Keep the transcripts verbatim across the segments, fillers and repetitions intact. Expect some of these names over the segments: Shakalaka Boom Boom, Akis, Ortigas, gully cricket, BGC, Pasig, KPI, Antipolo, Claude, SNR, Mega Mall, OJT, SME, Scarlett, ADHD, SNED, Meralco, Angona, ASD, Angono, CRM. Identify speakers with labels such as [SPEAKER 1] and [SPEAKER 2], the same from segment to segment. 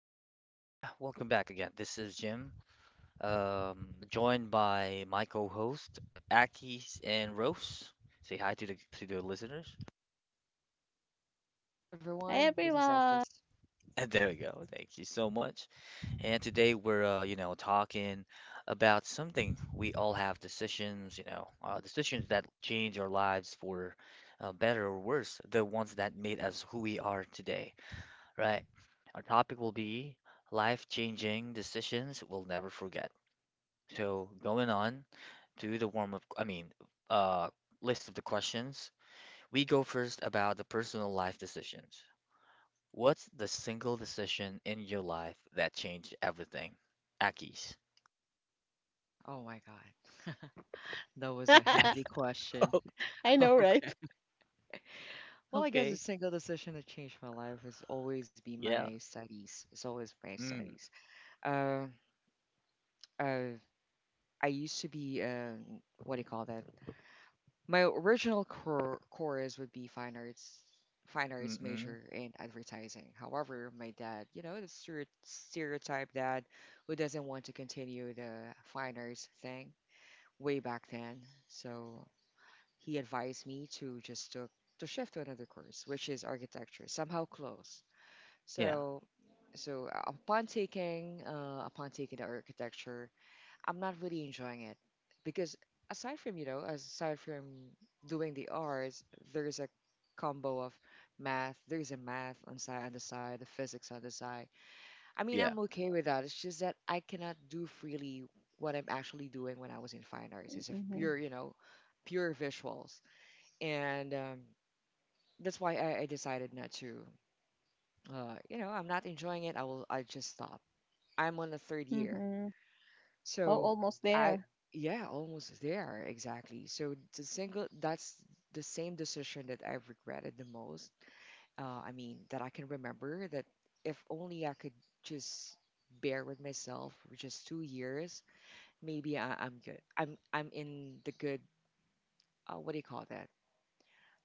[SPEAKER 1] Um, yeah, welcome back again. This is Jim, um, joined by my co-host Aki and Rose. Say hi to the to the listeners.
[SPEAKER 2] Hi everyone, this is
[SPEAKER 3] Everyone.
[SPEAKER 2] Akis.
[SPEAKER 1] And there we go. Thank you so much. And today we're uh, you know talking about something we all have decisions, you know, uh, decisions that change our lives for uh, better or worse, the ones that made us who we are today, right? Our topic will be life-changing decisions we'll never forget. So going on to the warm-up, I mean, uh, list of the questions. We go first about the personal life decisions. What's the single decision in your life that changed everything? Aki's.
[SPEAKER 2] Oh my god, that was a heavy question.
[SPEAKER 1] Oh,
[SPEAKER 3] I know,
[SPEAKER 2] well,
[SPEAKER 3] right?
[SPEAKER 2] I guess the
[SPEAKER 1] okay.
[SPEAKER 2] single decision that changed my life has always been
[SPEAKER 1] Yeah.
[SPEAKER 2] my studies. It's always my
[SPEAKER 1] Mm,
[SPEAKER 2] studies. Uh, uh, I used to be um, What do you call that? My original core course would be fine arts, fine arts
[SPEAKER 1] mm-mm.
[SPEAKER 2] major in advertising. However, my dad, you know, the stere- stereotype dad who doesn't want to continue the fine arts thing way back then. So he advised me to just to, to shift to another course, which is architecture, somehow close.
[SPEAKER 1] Yeah,
[SPEAKER 2] So, so uh, upon taking uh, upon taking the architecture, I'm not really enjoying it because aside from you know aside from doing the arts, there's a combo of math. There's a math on side on the side, the physics on the side. I mean,
[SPEAKER 1] yeah,
[SPEAKER 2] I'm okay with that. It's just that I cannot do freely what I'm actually doing when I was in fine arts. It's a
[SPEAKER 3] Mm-hmm.
[SPEAKER 2] pure you know pure visuals and um, that's why I, I decided not to. Uh, you know, I'm not enjoying it. I will. I just stop. I'm on the third year,
[SPEAKER 3] Mm-hmm. Oh,
[SPEAKER 2] so
[SPEAKER 3] almost
[SPEAKER 2] I
[SPEAKER 3] there.
[SPEAKER 2] yeah, almost there exactly. So the single that's the same decision that I've regretted the most. Uh, I mean, that I can remember that if only I could just bear with myself for just two years, maybe I, I'm good. I'm I'm in the good. Uh, what do you call that?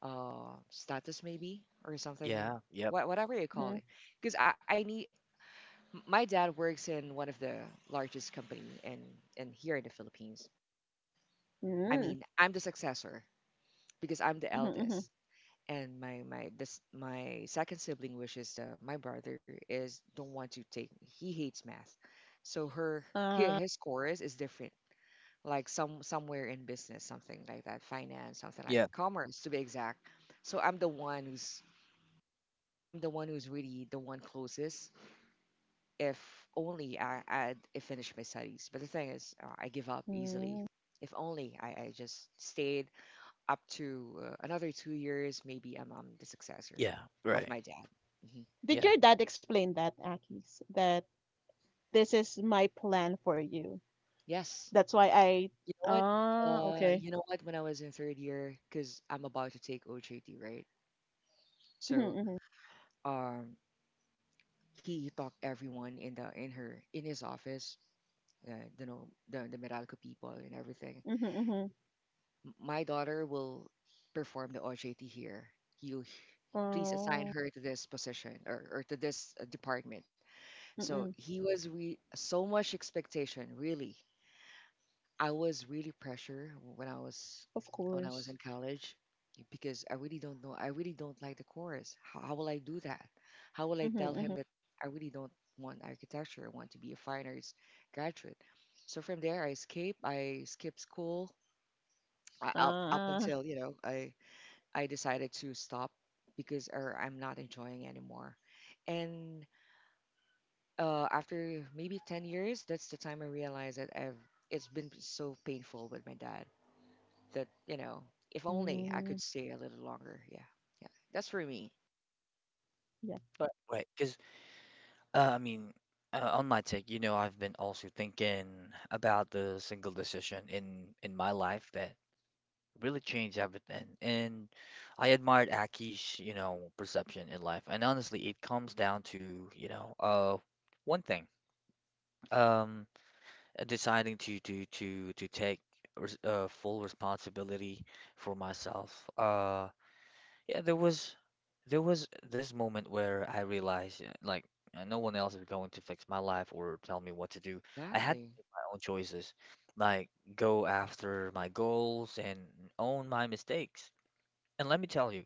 [SPEAKER 2] uh, Status maybe or
[SPEAKER 1] yeah,
[SPEAKER 2] something,
[SPEAKER 1] yep,
[SPEAKER 2] wha- whatever you
[SPEAKER 3] Mm-hmm.
[SPEAKER 2] call it. Because I, I need m- my dad works in one of the largest company in in here in the Philippines. I
[SPEAKER 3] Mm-hmm.
[SPEAKER 2] mean, I'm the successor because I'm the
[SPEAKER 3] Mm-hmm. Mm-hmm.
[SPEAKER 2] eldest, and my my this my second sibling, which is the, my brother, is don't want to take. He hates math, so her hi-
[SPEAKER 3] Uh,
[SPEAKER 2] his course is different. Like some somewhere in business, something like that, finance, something like
[SPEAKER 1] Yeah.
[SPEAKER 2] that, commerce to be exact. So I'm the one who's I'm the one who's really the one closest. If only I had I finished my studies. But the thing is, uh, I give up easily.
[SPEAKER 3] mm.
[SPEAKER 2] If only I, I just stayed up to uh, another two years, maybe I'm, I'm the successor
[SPEAKER 1] Yeah,
[SPEAKER 2] of
[SPEAKER 1] right,
[SPEAKER 2] my dad. Hmm.
[SPEAKER 3] Did
[SPEAKER 1] yeah,
[SPEAKER 3] your dad explain that, Akis? That this is my plan for you.
[SPEAKER 2] Yes.
[SPEAKER 3] That's why I.
[SPEAKER 2] You know what?
[SPEAKER 3] Ah,
[SPEAKER 2] Uh,
[SPEAKER 3] okay.
[SPEAKER 2] you know what? When I was in third year, because I'm about to take O J T, right?
[SPEAKER 3] Mm-hmm.
[SPEAKER 2] So
[SPEAKER 3] Mm-hmm.
[SPEAKER 2] um, he talked everyone in the in her in his office, uh, you know, the the Meralco people and everything.
[SPEAKER 3] Mm-hmm. Mm-hmm.
[SPEAKER 2] My daughter will perform the O J T here. You h- Please assign
[SPEAKER 3] Oh.
[SPEAKER 2] her to this position or, or to this uh, department. So
[SPEAKER 3] Mm-mm.
[SPEAKER 2] he was re- so much expectation, really. I was really pressure when I was
[SPEAKER 3] Of
[SPEAKER 2] when I was in
[SPEAKER 3] course.
[SPEAKER 2] college because I really don't know. I really don't like the course. How, how will I do that? How will I
[SPEAKER 3] Mm-hmm.
[SPEAKER 2] tell him
[SPEAKER 3] Mm-hmm.
[SPEAKER 2] that I really don't want architecture? I want to be a fine arts graduate. So from there, I escape. I skip school uh, up up
[SPEAKER 3] Ah.
[SPEAKER 2] until you know I I decided to stop because or I'm not enjoying anymore. And uh, after maybe ten years, that's the time I realized that I've, it's been so painful with my dad that, you know, if only I could
[SPEAKER 3] Mm.
[SPEAKER 2] stay a little longer. Yeah. Yeah. That's for me.
[SPEAKER 3] Yeah.
[SPEAKER 1] right, right. Because, uh, I mean, uh, on my take, you know, I've been also thinking about the single decision in in my life that really changed everything. And I admired Aki's, you know, perception in life. And honestly, it comes down to, you know, uh, one thing, um, uh, deciding to to to to take res uh, full responsibility for myself. Uh, yeah, there was there was this moment where I realized, uh, like, uh, no one else is going to fix my life or tell me what to do. I had to
[SPEAKER 2] Exactly.
[SPEAKER 1] make my own choices, like go after my goals and own my mistakes. And let me tell you,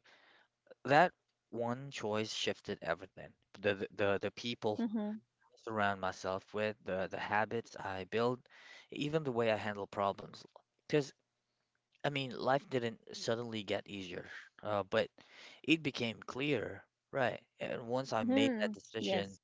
[SPEAKER 1] that one choice shifted everything. The the the the people
[SPEAKER 3] Mm-hmm.
[SPEAKER 1] I surround myself with, the the habits I build, even the way I handle problems. Because I mean, life didn't suddenly get easier, uh, but it became clear, right? And once I made that
[SPEAKER 3] Mm-hmm.
[SPEAKER 1] decision,
[SPEAKER 3] Yes.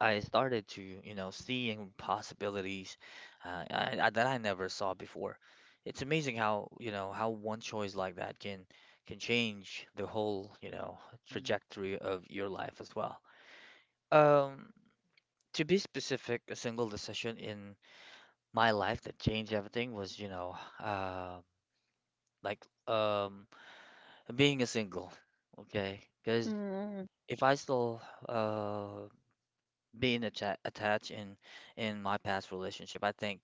[SPEAKER 1] I started to, you know, seeing possibilities uh, I, I, that I never saw before. It's amazing how, you know, how one choice like that can can change the whole, you know,
[SPEAKER 2] Mm-hmm.
[SPEAKER 1] trajectory of your life as well. Um, to be specific, a single decision in my life that changed everything was, you know, uh, like um, being a single. Okay, because
[SPEAKER 3] Mm-hmm.
[SPEAKER 1] if I still uh, being atta attached in in my past relationship, I think.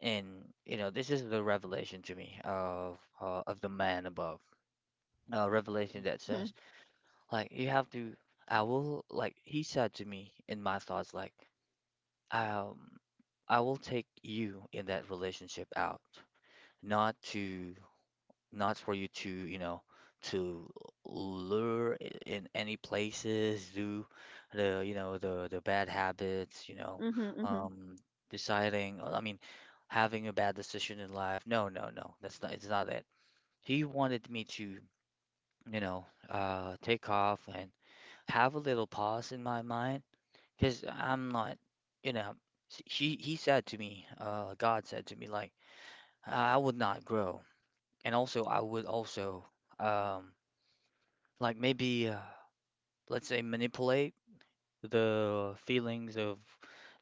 [SPEAKER 1] And you know, this is the revelation to me of uh, of the man above, a revelation
[SPEAKER 2] Mm-hmm.
[SPEAKER 1] that
[SPEAKER 3] Mm-hmm.
[SPEAKER 1] says like you have to. I will like He said to me in my thoughts, like um I will take you in that relationship out, not to, not for you to, you know, to lure i- in any places, do the, you know, the the bad habits, you know,
[SPEAKER 3] Mm-hmm. Mm-hmm.
[SPEAKER 1] um, deciding, uh, I mean, having a bad decision in life. No, no, no, that's not, it's not it. He wanted me to, you know, uh, take off and have a little pause in my mind, because I'm not, you know, s- he he said to me, uh, God said to me, like, I I would not grow, and also I would also. Um, like maybe uh, let's say manipulate the feelings of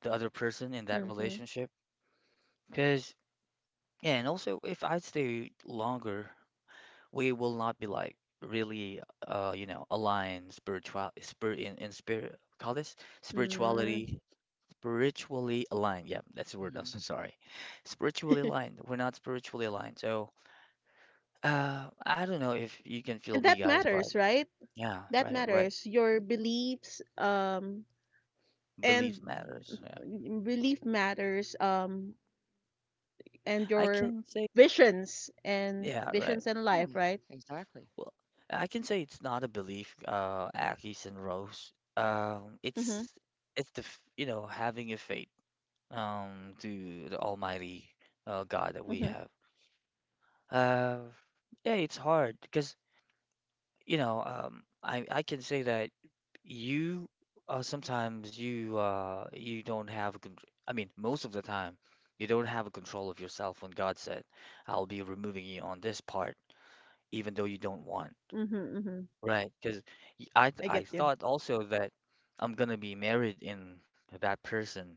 [SPEAKER 1] the other person in that
[SPEAKER 3] Mm-hmm.
[SPEAKER 1] relationship because yeah. And also if I stay longer, we will not be like really uh you know aligned, spiritual spirit in, in spirit call this
[SPEAKER 3] Mm.
[SPEAKER 1] spirituality spiritually aligned. Yeah, that's the word. I'm so
[SPEAKER 2] Hmm.
[SPEAKER 1] sorry. Spiritually aligned, we're not spiritually aligned. So uh I don't know if you can feel
[SPEAKER 3] And
[SPEAKER 1] me,
[SPEAKER 3] that
[SPEAKER 1] guys, but
[SPEAKER 3] matters, right?
[SPEAKER 1] yeah,
[SPEAKER 3] That
[SPEAKER 1] right, right.
[SPEAKER 3] matters. Your beliefs, um, and
[SPEAKER 1] Belief matters, yeah.
[SPEAKER 3] belief matters, um, and
[SPEAKER 1] I
[SPEAKER 3] your
[SPEAKER 1] can say.
[SPEAKER 3] visions and
[SPEAKER 1] Yeah, right.
[SPEAKER 3] visions in
[SPEAKER 2] Yeah,
[SPEAKER 3] life, right?
[SPEAKER 2] exactly.
[SPEAKER 1] Well, I can say it's not a belief, uh, Aki's and Rose. Um, it's
[SPEAKER 3] Mm-hmm.
[SPEAKER 1] it's the f- you know, having a faith um to the Almighty uh, God that we
[SPEAKER 3] Mm-hmm.
[SPEAKER 1] have. Uh, yeah, it's hard because you know, um I I can say that you uh, sometimes you uh you don't have a con I mean most of the time you don't have a control of yourself when God said I'll be removing you on this part, even though you don't want.
[SPEAKER 3] Mm-hmm. Mm-hmm.
[SPEAKER 1] Right, because I th-
[SPEAKER 3] I
[SPEAKER 1] I
[SPEAKER 3] get you.
[SPEAKER 1] thought also that I'm gonna be married in that person,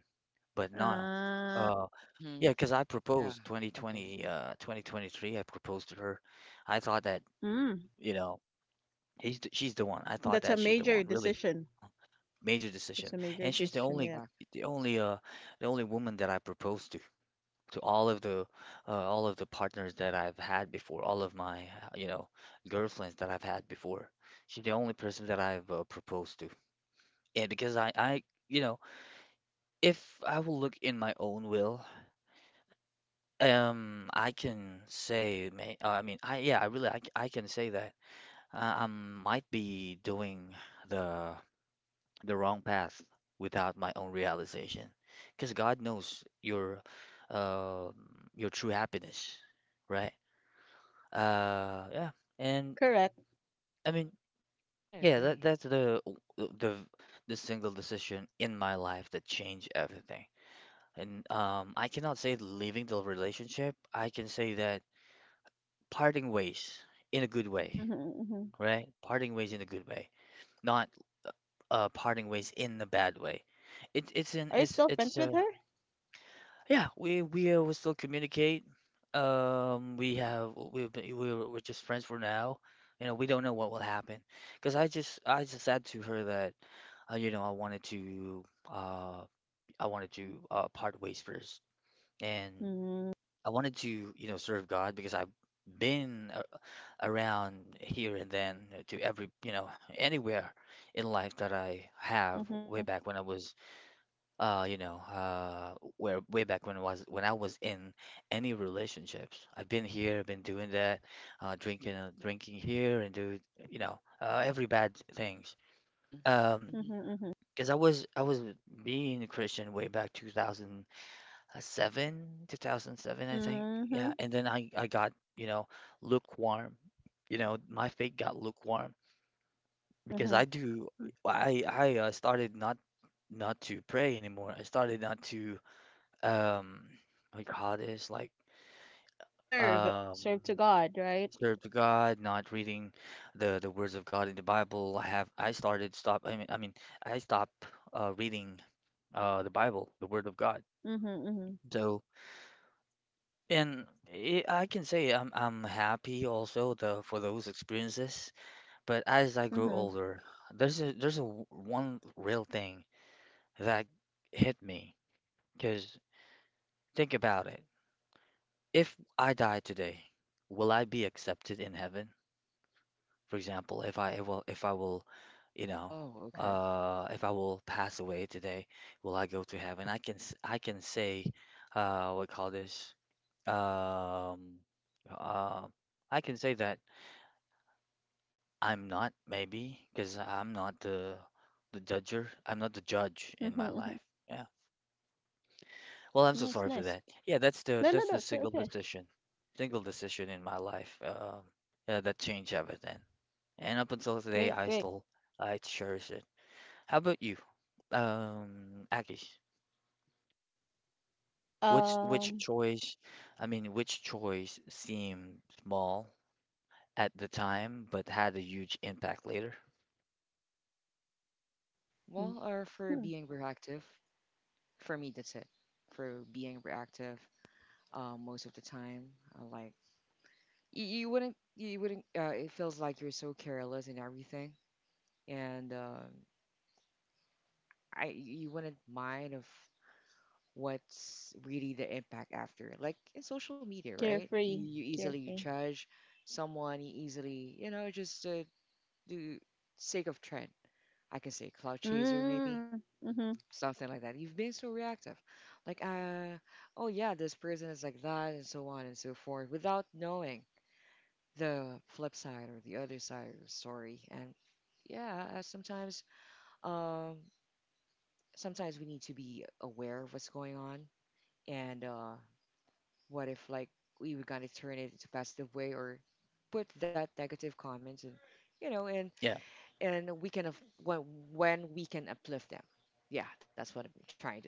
[SPEAKER 1] but no.
[SPEAKER 3] Uh,
[SPEAKER 1] Uh, yeah,
[SPEAKER 2] Mm-hmm.
[SPEAKER 1] because I
[SPEAKER 2] Yeah.
[SPEAKER 1] proposed
[SPEAKER 2] Okay.
[SPEAKER 1] twenty twenty, uh, twenty twenty-three. I proposed to her. I thought that
[SPEAKER 3] mm.
[SPEAKER 1] you know he's th- she's the one. I thought that
[SPEAKER 3] That's a
[SPEAKER 1] she's the one.
[SPEAKER 3] major
[SPEAKER 1] Really
[SPEAKER 3] decision.
[SPEAKER 1] major
[SPEAKER 3] That's a
[SPEAKER 1] decision.
[SPEAKER 3] major
[SPEAKER 1] And she's the
[SPEAKER 3] decision, yeah.
[SPEAKER 1] only,
[SPEAKER 2] Exactly.
[SPEAKER 1] the only uh the only woman that I proposed to to all of the uh, all of the partners that I've had before, all of my uh, you know girlfriends that I've had before. She's the only person that I've uh, proposed to. Yeah, because I, I, you know, if I will look in my own will, um, I can say, may, uh, I mean, I, yeah, I really, I, c- I can say that uh, I might be doing the the wrong path without my own realization, because God knows your, uh, your true happiness, right? Uh, yeah, and
[SPEAKER 3] Correct.
[SPEAKER 1] I mean,
[SPEAKER 2] I
[SPEAKER 1] yeah, that
[SPEAKER 2] agree.
[SPEAKER 1] that's the the the single decision in my life that changed everything. And um, I cannot say leaving the relationship. I can say that parting ways in a good way,
[SPEAKER 3] Mm-hmm. Mm-hmm.
[SPEAKER 1] right? Parting ways in a good way, not uh, parting ways in a bad way. It, it's
[SPEAKER 3] Are you
[SPEAKER 1] in
[SPEAKER 3] still
[SPEAKER 1] it's
[SPEAKER 3] friends
[SPEAKER 1] it's
[SPEAKER 3] with her?
[SPEAKER 1] uh Yeah, we we uh, will still communicate. Um, we have we've been, we're we're just friends for now. You know, we don't know what will happen. Because I just I just said to her that uh, you know, I wanted to, uh I wanted to uh part ways first and.
[SPEAKER 3] Mm-hmm.
[SPEAKER 1] I wanted to, you know, serve God because I've been a- around here and then to every, you know, anywhere in life that I have,
[SPEAKER 3] Mm-hmm.
[SPEAKER 1] way back when I was, uh, you know, uh, where way back when I was, when I was in any relationships. I've been here, been doing that, uh, drinking, and drinking here, and do, you know, uh, every bad things.
[SPEAKER 2] Mm-hmm.
[SPEAKER 1] Um,
[SPEAKER 2] Mm-hmm.
[SPEAKER 3] Mm-hmm.
[SPEAKER 1] because I was I was being a Christian way back two thousand uh, seven, two thousand seven, I think.
[SPEAKER 3] Mm-hmm.
[SPEAKER 1] Yeah, and then I I got you know lukewarm. You know, my faith got lukewarm because
[SPEAKER 3] Mm-hmm.
[SPEAKER 1] I do I I uh, started not, not to pray anymore. I started not to um what you call this like
[SPEAKER 3] Serve,
[SPEAKER 1] um
[SPEAKER 3] serve to God, right?
[SPEAKER 1] serve to God, not reading the the words of God in the Bible. I have I started stop. I mean I mean I stopped uh, reading uh the Bible, the Word of God.
[SPEAKER 3] Mhm, mhm,
[SPEAKER 1] So. And i I can say I'm I'm happy also the for those experiences, but as I grow
[SPEAKER 3] mhm,
[SPEAKER 1] older, there's a, there's a w- one real thing that hit me. Because think about it. If I die today, will I be accepted in heaven? For example, if I will, if I will, you know,
[SPEAKER 2] Oh, okay.
[SPEAKER 1] uh, if I will pass away today, will I go to heaven? I can s- I can say, uh, what we call this? Um, uh, I can say that. I'm not, maybe because I'm not the the judger. I'm not the judge in
[SPEAKER 3] mhm,
[SPEAKER 1] my life.
[SPEAKER 3] mhm.
[SPEAKER 1] Yeah. Well, I'm so sorry
[SPEAKER 3] Nice,
[SPEAKER 1] for that.
[SPEAKER 3] nice.
[SPEAKER 1] Yeah, that's the,
[SPEAKER 3] No,
[SPEAKER 1] that's
[SPEAKER 3] no,
[SPEAKER 1] the
[SPEAKER 3] no. It's
[SPEAKER 1] single
[SPEAKER 3] okay.
[SPEAKER 1] decision, single decision in my life. Um, yeah, that changed everything. And up until today, I
[SPEAKER 3] Great, great.
[SPEAKER 1] still I cherish it. How about you, um, Akish? Which which
[SPEAKER 3] Um,
[SPEAKER 1] choice? I mean, which choice seemed small at the time but had a huge impact later?
[SPEAKER 2] Well,
[SPEAKER 3] mm,
[SPEAKER 2] or for
[SPEAKER 3] hmm.
[SPEAKER 2] being proactive. For me, that's it. For being reactive, uh, most of the time, uh, like you, you wouldn't, you wouldn't. Uh, it feels like you're so careless in everything, and um I, you wouldn't mind of what's really the impact after. Like in social media, right? You,
[SPEAKER 3] Carefree,
[SPEAKER 2] you easily
[SPEAKER 3] carefree.
[SPEAKER 2] judge someone, you easily, you know, just uh, do sake of trend. I can say cloud chaser, maybe.
[SPEAKER 3] Mm, mhm.
[SPEAKER 2] Something like that. You've been so reactive, like, uh, oh yeah, this person is like that, and so on and so forth, without knowing the flip side or the other side of the story. And yeah, uh, sometimes, um, sometimes we need to be aware of what's going on, and uh, what if like we were gonna turn it into positive way or put that negative comment and you know and
[SPEAKER 1] Yeah,
[SPEAKER 2] and we can af- when when we can uplift them, yeah that's what I'm trying to say.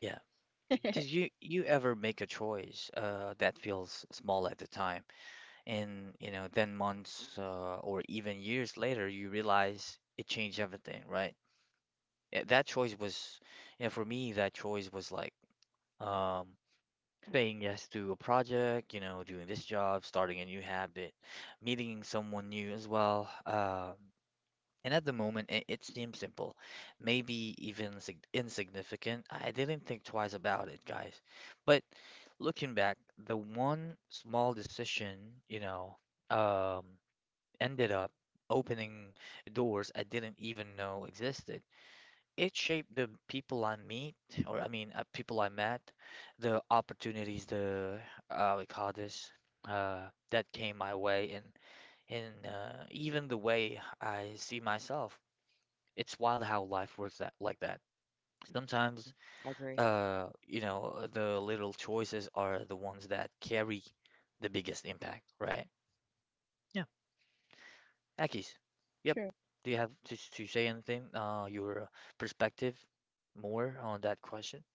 [SPEAKER 1] yeah. Because you, you ever make a choice uh, that feels small at the time, and you know, then months uh, or even years later, you realize it changed everything, right? Yeah. That choice was, you know, for me, that choice was like um, saying yes to a project, you know, doing this job, starting a new habit, meeting someone new as well. Um and at the moment, it, it seems simple, maybe even sig insignificant. I didn't think twice about it, guys. But looking back, the one small decision, you know, um, ended up opening doors I didn't even know existed. It shaped the people I meet, or I mean, uh, people I met, the opportunities, the uh, we call this, uh, that came my way, and and uh, even the way I see myself. It's wild how life works that like that.
[SPEAKER 2] Hmm,
[SPEAKER 1] Sometimes,
[SPEAKER 2] agree.
[SPEAKER 1] uh, you know, the little choices are the ones that carry the biggest impact, right? Yeah, Akis. Yep.
[SPEAKER 3] True.
[SPEAKER 1] Do you have to, to say anything? Uh, your perspective more on that question?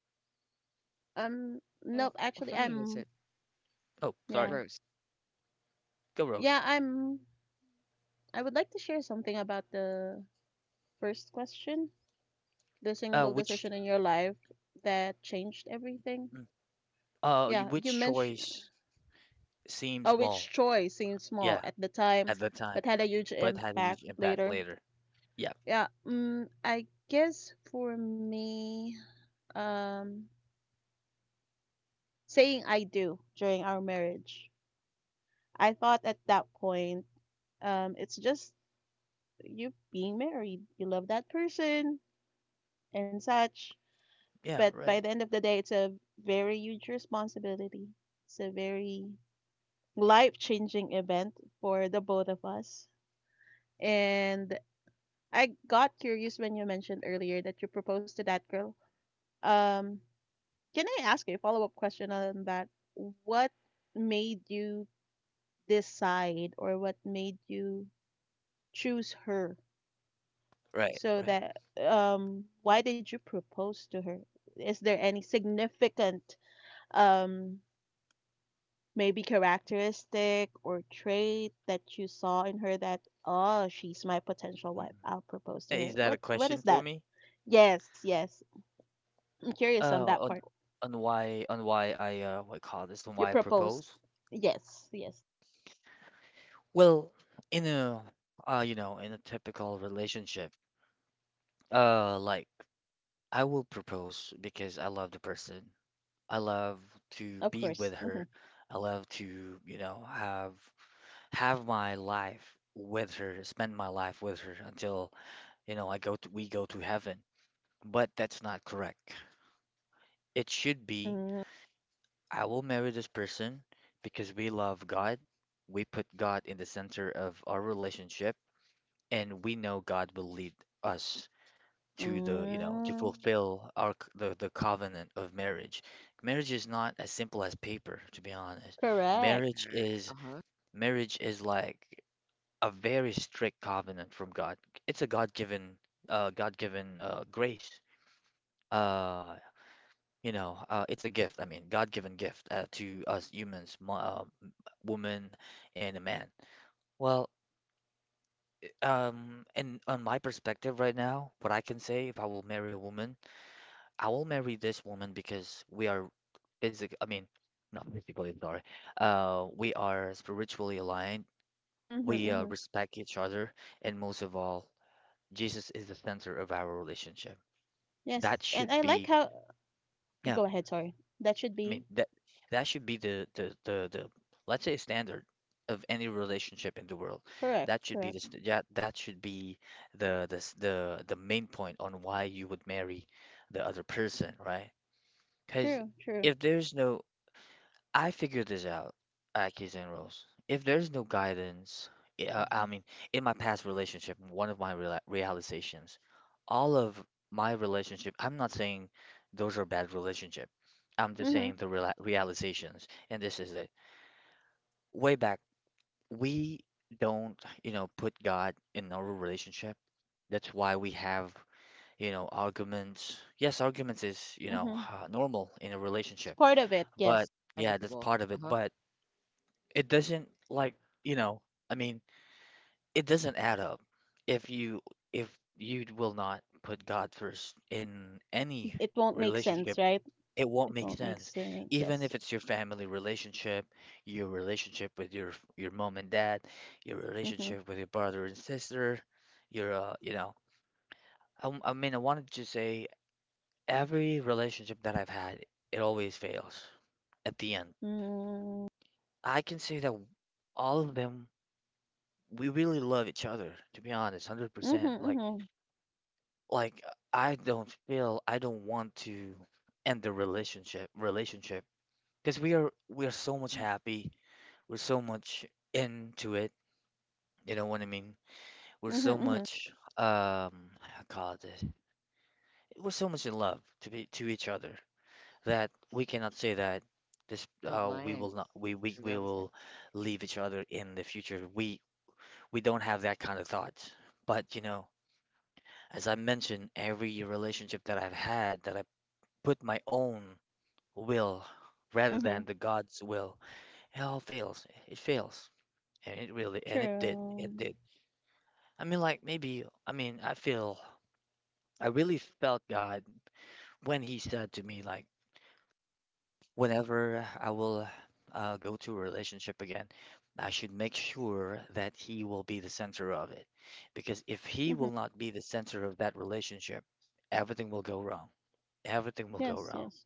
[SPEAKER 3] Um,
[SPEAKER 2] Uh,
[SPEAKER 3] nope. Actually,
[SPEAKER 2] for me, that's
[SPEAKER 3] I'm.
[SPEAKER 2] it.
[SPEAKER 1] Oh,
[SPEAKER 3] Yeah,
[SPEAKER 1] sorry.
[SPEAKER 2] Rose.
[SPEAKER 1] Go, Rose.
[SPEAKER 3] yeah. I'm. I would like to share something about the first question, the
[SPEAKER 1] Uh,
[SPEAKER 3] single decision
[SPEAKER 1] which,
[SPEAKER 3] in your life that changed everything.
[SPEAKER 1] mm, uh, y-
[SPEAKER 3] Yeah, you
[SPEAKER 1] which
[SPEAKER 3] mentioned.
[SPEAKER 1] choice seemed
[SPEAKER 3] uh, which
[SPEAKER 1] small?
[SPEAKER 3] choice seemed small
[SPEAKER 1] Yeah,
[SPEAKER 3] at the time
[SPEAKER 1] at the time,
[SPEAKER 3] but had a huge
[SPEAKER 1] but had a
[SPEAKER 3] impact
[SPEAKER 1] huge impact
[SPEAKER 3] later.
[SPEAKER 1] later. Yeah.
[SPEAKER 3] Yeah, um, I guess for me, um, saying I do during our marriage, I thought at that point, um, it's just you being married, you love that person and such.
[SPEAKER 1] Yeah.
[SPEAKER 3] But by
[SPEAKER 1] Right.
[SPEAKER 3] the end of the day, it's a very huge responsibility. It's a very life changing event for the both of us. And I got curious when you mentioned earlier that you proposed to that girl. Um, can I ask you a follow-up question on that? What made you decide or what made you choose her?
[SPEAKER 1] Right.
[SPEAKER 3] So
[SPEAKER 1] Right.
[SPEAKER 3] that um, why did you propose to her? Is there any significant um maybe characteristic or trait that you saw in her that oh, she's my potential
[SPEAKER 1] Mm.
[SPEAKER 3] wife. I'll propose to her.
[SPEAKER 1] Is that a
[SPEAKER 3] What what
[SPEAKER 1] question
[SPEAKER 3] is
[SPEAKER 1] for
[SPEAKER 3] that?
[SPEAKER 1] me?
[SPEAKER 3] Yes, yes. I'm curious on
[SPEAKER 1] uh
[SPEAKER 3] that
[SPEAKER 1] on
[SPEAKER 3] part.
[SPEAKER 1] on why, on why I uh what call this and
[SPEAKER 3] You
[SPEAKER 1] why I
[SPEAKER 3] proposed.
[SPEAKER 1] propose?
[SPEAKER 3] Yes, yes,
[SPEAKER 1] Well, in a uh you know, in a typical relationship, uh like I will propose because I love the person. I love to
[SPEAKER 3] of
[SPEAKER 1] be with
[SPEAKER 3] course. Mm-hmm.
[SPEAKER 1] her. I love to, you know, have have my life with her, spend my life with her until, you know, I go to we go to heaven. But that's not correct. It should be
[SPEAKER 3] Mm,
[SPEAKER 1] I will marry this person because we love God. We put God in the center of our relationship, and we know God will lead us to the, you know, to
[SPEAKER 3] mm,
[SPEAKER 1] fulfill our c- the, the covenant of marriage. Marriage is not as simple as paper, to be honest.
[SPEAKER 2] I love
[SPEAKER 3] correct.
[SPEAKER 1] Marriage
[SPEAKER 2] that. Uh
[SPEAKER 1] is
[SPEAKER 2] huh.
[SPEAKER 1] marriage is like a very strict covenant from God. It's a God-given uh God-given uh grace. Uh you know, uh, it's a gift. I mean, God-given gift uh, to us humans, mo- uh, m- woman and a man. Well, um, and on my perspective right now, what I can say, if I will marry a woman, I will marry this woman because we are basic. I mean, not physically, sorry. Uh, we are spiritually aligned.
[SPEAKER 3] Mm-hmm,
[SPEAKER 1] We uh,
[SPEAKER 3] mm-hmm.
[SPEAKER 1] respect each other, and most of all, Jesus is the center of our relationship. That
[SPEAKER 3] Yes,
[SPEAKER 1] should
[SPEAKER 3] and I like
[SPEAKER 1] be.
[SPEAKER 3] how.
[SPEAKER 1] Yeah,
[SPEAKER 3] Go ahead, sorry. That should
[SPEAKER 1] I mean
[SPEAKER 3] be
[SPEAKER 1] that that should be the the the, the let's say standard of any relationship in the world.
[SPEAKER 3] correct,
[SPEAKER 1] That should be the
[SPEAKER 3] correct.
[SPEAKER 1] st- yeah, that should be the the s- the the main point on why you would marry the other person, right? Because
[SPEAKER 3] True, true.
[SPEAKER 1] if there's no I figured this out, Akis and Rose. If there's no guidance, i- uh,
[SPEAKER 2] Hmm.
[SPEAKER 1] I mean, in my past relationship, one of my reala- realizations, all of my relationship, I'm not saying those are bad relationship. I'm just
[SPEAKER 3] Mm-hmm,
[SPEAKER 1] saying the reala- realizations, and this is it. Way back, we don't, you know, put God in our relationship. That's why we have, you know, arguments. Yes, arguments is, you know,
[SPEAKER 3] mm-hmm.
[SPEAKER 1] uh, normal in a
[SPEAKER 3] It's
[SPEAKER 1] relationship,
[SPEAKER 3] part of it,
[SPEAKER 1] but
[SPEAKER 3] yes.
[SPEAKER 1] yeah, that's
[SPEAKER 2] Inevitable.
[SPEAKER 1] part
[SPEAKER 2] Uh
[SPEAKER 1] of it.
[SPEAKER 2] huh.
[SPEAKER 1] But it doesn't like, you know, I mean, it doesn't add up if you if you will not put God first in any
[SPEAKER 3] It won't make sense,
[SPEAKER 1] relationship,
[SPEAKER 3] right?
[SPEAKER 1] it won't
[SPEAKER 3] It
[SPEAKER 1] make
[SPEAKER 3] won't make
[SPEAKER 1] sense.
[SPEAKER 3] sense,
[SPEAKER 1] Even
[SPEAKER 3] yes.
[SPEAKER 1] if it's your family relationship, your relationship with your your mom and dad, your
[SPEAKER 3] Mm-hmm,
[SPEAKER 1] relationship with your brother and sister, your uh, you know, I, I mean, I wanted to say every relationship that I've had, it always fails at the end.
[SPEAKER 3] mm,
[SPEAKER 1] I can say that all of them we really love each other, to be honest,
[SPEAKER 3] mm-hmm,
[SPEAKER 1] one hundred percent. Like
[SPEAKER 3] mm-hmm,
[SPEAKER 1] like I don't feel I don't want to end the relationship relationship because we are we are so much
[SPEAKER 2] Hmm.
[SPEAKER 1] happy. We're so much into it. You know what I mean? We're
[SPEAKER 3] mm-hmm,
[SPEAKER 1] so
[SPEAKER 3] mm-hmm,
[SPEAKER 1] much um I call it this. We're so much in love to be to each other that we cannot say that this
[SPEAKER 2] You're so
[SPEAKER 1] uh we
[SPEAKER 2] blind
[SPEAKER 1] will not we we,
[SPEAKER 2] to
[SPEAKER 1] we
[SPEAKER 2] everything.
[SPEAKER 1] will leave each other in the future. We we don't have that kind of thought. But you know, as I mentioned, every relationship that I've had that I put my own will rather
[SPEAKER 3] mm-hmm.
[SPEAKER 1] than the God's will, it all fails. It fails. And it really, and it did.
[SPEAKER 3] True.
[SPEAKER 1] It did. I mean, like maybe, I mean, I feel, I really felt God when He said to me, like, whenever I will uh, go to a relationship again, I should make sure that He will be the center of it. Because if He
[SPEAKER 3] Mm-hmm.
[SPEAKER 1] will not be the center of that relationship, everything will go wrong. Everything will go
[SPEAKER 3] Yes,
[SPEAKER 1] wrong.
[SPEAKER 3] yes.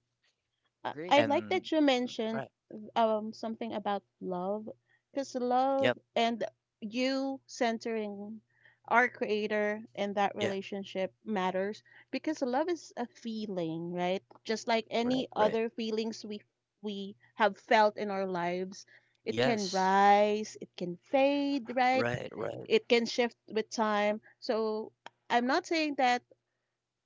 [SPEAKER 3] I,
[SPEAKER 2] Agree.
[SPEAKER 3] I like
[SPEAKER 1] And
[SPEAKER 3] that you mentioned
[SPEAKER 1] right.
[SPEAKER 3] um something about love because love
[SPEAKER 1] Yep.
[SPEAKER 3] and you centering our creator and that
[SPEAKER 1] Yeah.
[SPEAKER 3] relationship matters because love is a feeling, right, just like any
[SPEAKER 1] Right. Right.
[SPEAKER 3] other feelings we we have felt in our lives. It can
[SPEAKER 1] Yes.
[SPEAKER 3] rise, it can fade, right?
[SPEAKER 1] Right. Right.
[SPEAKER 3] It can shift with time, so I'm not saying that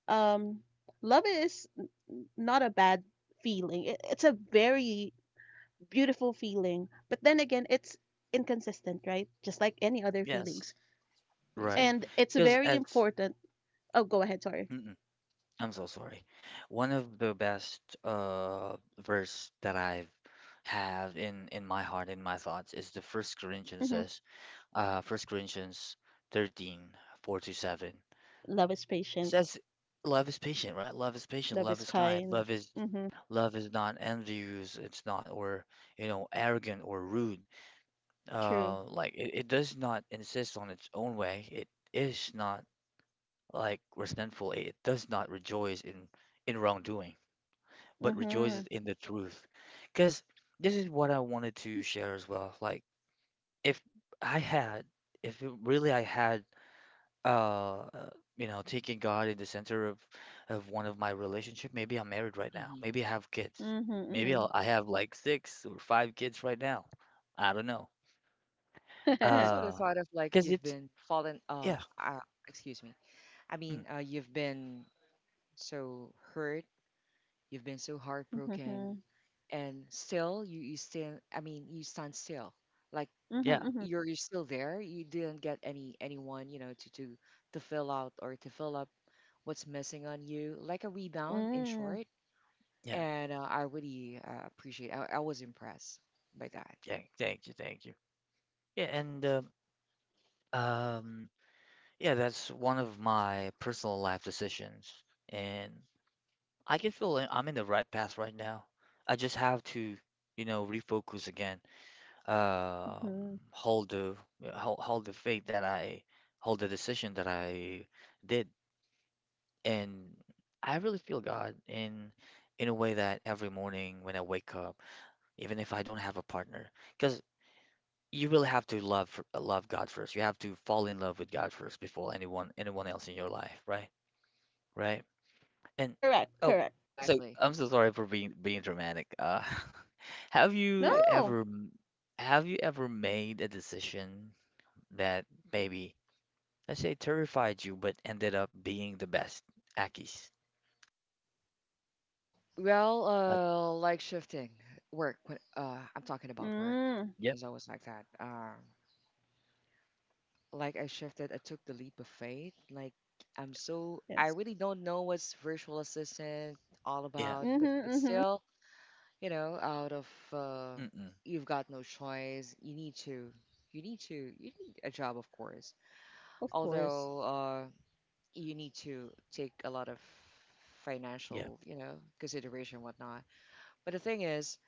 [SPEAKER 3] um love is n- not a bad feeling. It, it's a very beautiful feeling. But then again, it's inconsistent, right? Just like any other
[SPEAKER 2] Yes.
[SPEAKER 3] feelings.
[SPEAKER 1] Yes. Right.
[SPEAKER 3] And
[SPEAKER 2] Exactly.
[SPEAKER 3] it's
[SPEAKER 1] Because
[SPEAKER 3] very
[SPEAKER 1] as
[SPEAKER 3] important. Oh, go ahead. Sorry.
[SPEAKER 1] mm-mm, I'm so sorry. One of the best uh verse that I've have in in my heart in my thoughts is the First Corinthians
[SPEAKER 3] hmm
[SPEAKER 1] says uh First Corinthians thirteen four to seven. It
[SPEAKER 3] Love is patient.
[SPEAKER 1] says love is patient, right? Love is patient,
[SPEAKER 3] Love is
[SPEAKER 1] love is kind,
[SPEAKER 3] kind.
[SPEAKER 1] love is
[SPEAKER 3] Mm-hmm.
[SPEAKER 1] love is not envious, it's not or you know arrogant or rude.
[SPEAKER 3] True.
[SPEAKER 1] Uh, like it, it does not insist on its own way. It is not like resentful. It does not rejoice in in wrongdoing, but
[SPEAKER 3] Mm-hmm.
[SPEAKER 1] rejoices in the truth. Because this is what I wanted to share as well. Like if I had, if it really I had, uh, uh, you know, taking God in the center of of one of my relationship. Maybe I'm married right now.
[SPEAKER 2] Hmm.
[SPEAKER 1] Maybe I have kids. Maybe
[SPEAKER 3] Mm-hmm.
[SPEAKER 1] I'll, I have like six or five kids right now. I don't know.
[SPEAKER 3] Mm-hmm.
[SPEAKER 2] Also, the
[SPEAKER 1] Uh,
[SPEAKER 2] thought of like
[SPEAKER 1] because
[SPEAKER 2] you've
[SPEAKER 1] it's
[SPEAKER 2] been fallen. Uh,
[SPEAKER 1] yeah.
[SPEAKER 2] uh excuse me. I
[SPEAKER 1] Mm,
[SPEAKER 2] mean, uh, you've been so hurt. You've been so heartbroken,
[SPEAKER 3] Mm-hmm.
[SPEAKER 2] and still you you stand. I mean, you stand still. Like
[SPEAKER 1] yeah,
[SPEAKER 3] Mm-hmm.
[SPEAKER 2] you're you're still there. You didn't get any anyone you know to to to fill out or to fill up what's missing on you, like a rebound in
[SPEAKER 3] Mm-hmm.
[SPEAKER 2] short.
[SPEAKER 1] yeah,
[SPEAKER 2] And uh, I really uh, appreciate. I, I was impressed by that.
[SPEAKER 1] thank, thank you, thank you. Yeah, and uh, um, yeah, that's one of my personal life decisions, and I can feel I- I'm in the right path right now. I just have to, you know, refocus again. Um, hold the yeah, hold, hold the faith that I hold the decision that I did, and I really feel God in in a way that every morning when I wake up, even if I don't have a partner. Because you really have to love f- love God first. You have to fall in love with God first before anyone anyone else in your life, right? Right? And
[SPEAKER 3] Correct.
[SPEAKER 1] oh,
[SPEAKER 3] Correct.
[SPEAKER 1] so
[SPEAKER 2] Exactly.
[SPEAKER 1] I'm so sorry for being being dramatic. Uh, have
[SPEAKER 2] It's
[SPEAKER 1] you
[SPEAKER 2] okay.
[SPEAKER 3] No.
[SPEAKER 1] ever m- have you ever made a decision that maybe let's say terrified you but ended up being the best, Akis?
[SPEAKER 2] W- Well,
[SPEAKER 1] Like,
[SPEAKER 2] uh, like shifting work. When, uh, I'm talking about work.
[SPEAKER 3] Mm.
[SPEAKER 1] yep,
[SPEAKER 2] It's always like that. Um, like I shifted. I took the leap of faith. Like I'm so. I
[SPEAKER 3] Yes.
[SPEAKER 2] really don't know what's virtual assistant all
[SPEAKER 1] yeah,
[SPEAKER 2] about,
[SPEAKER 3] Mm-hmm.
[SPEAKER 2] but but
[SPEAKER 3] Mm-hmm.
[SPEAKER 2] still, you know, out of uh,
[SPEAKER 1] mm-mm,
[SPEAKER 2] you've got no choice. You need to. You need to. You need a job, of course.
[SPEAKER 3] Of course.
[SPEAKER 2] Although uh, you need to take a lot of
[SPEAKER 1] yeah,
[SPEAKER 2] financial, you know, consideration whatnot. But the thing is,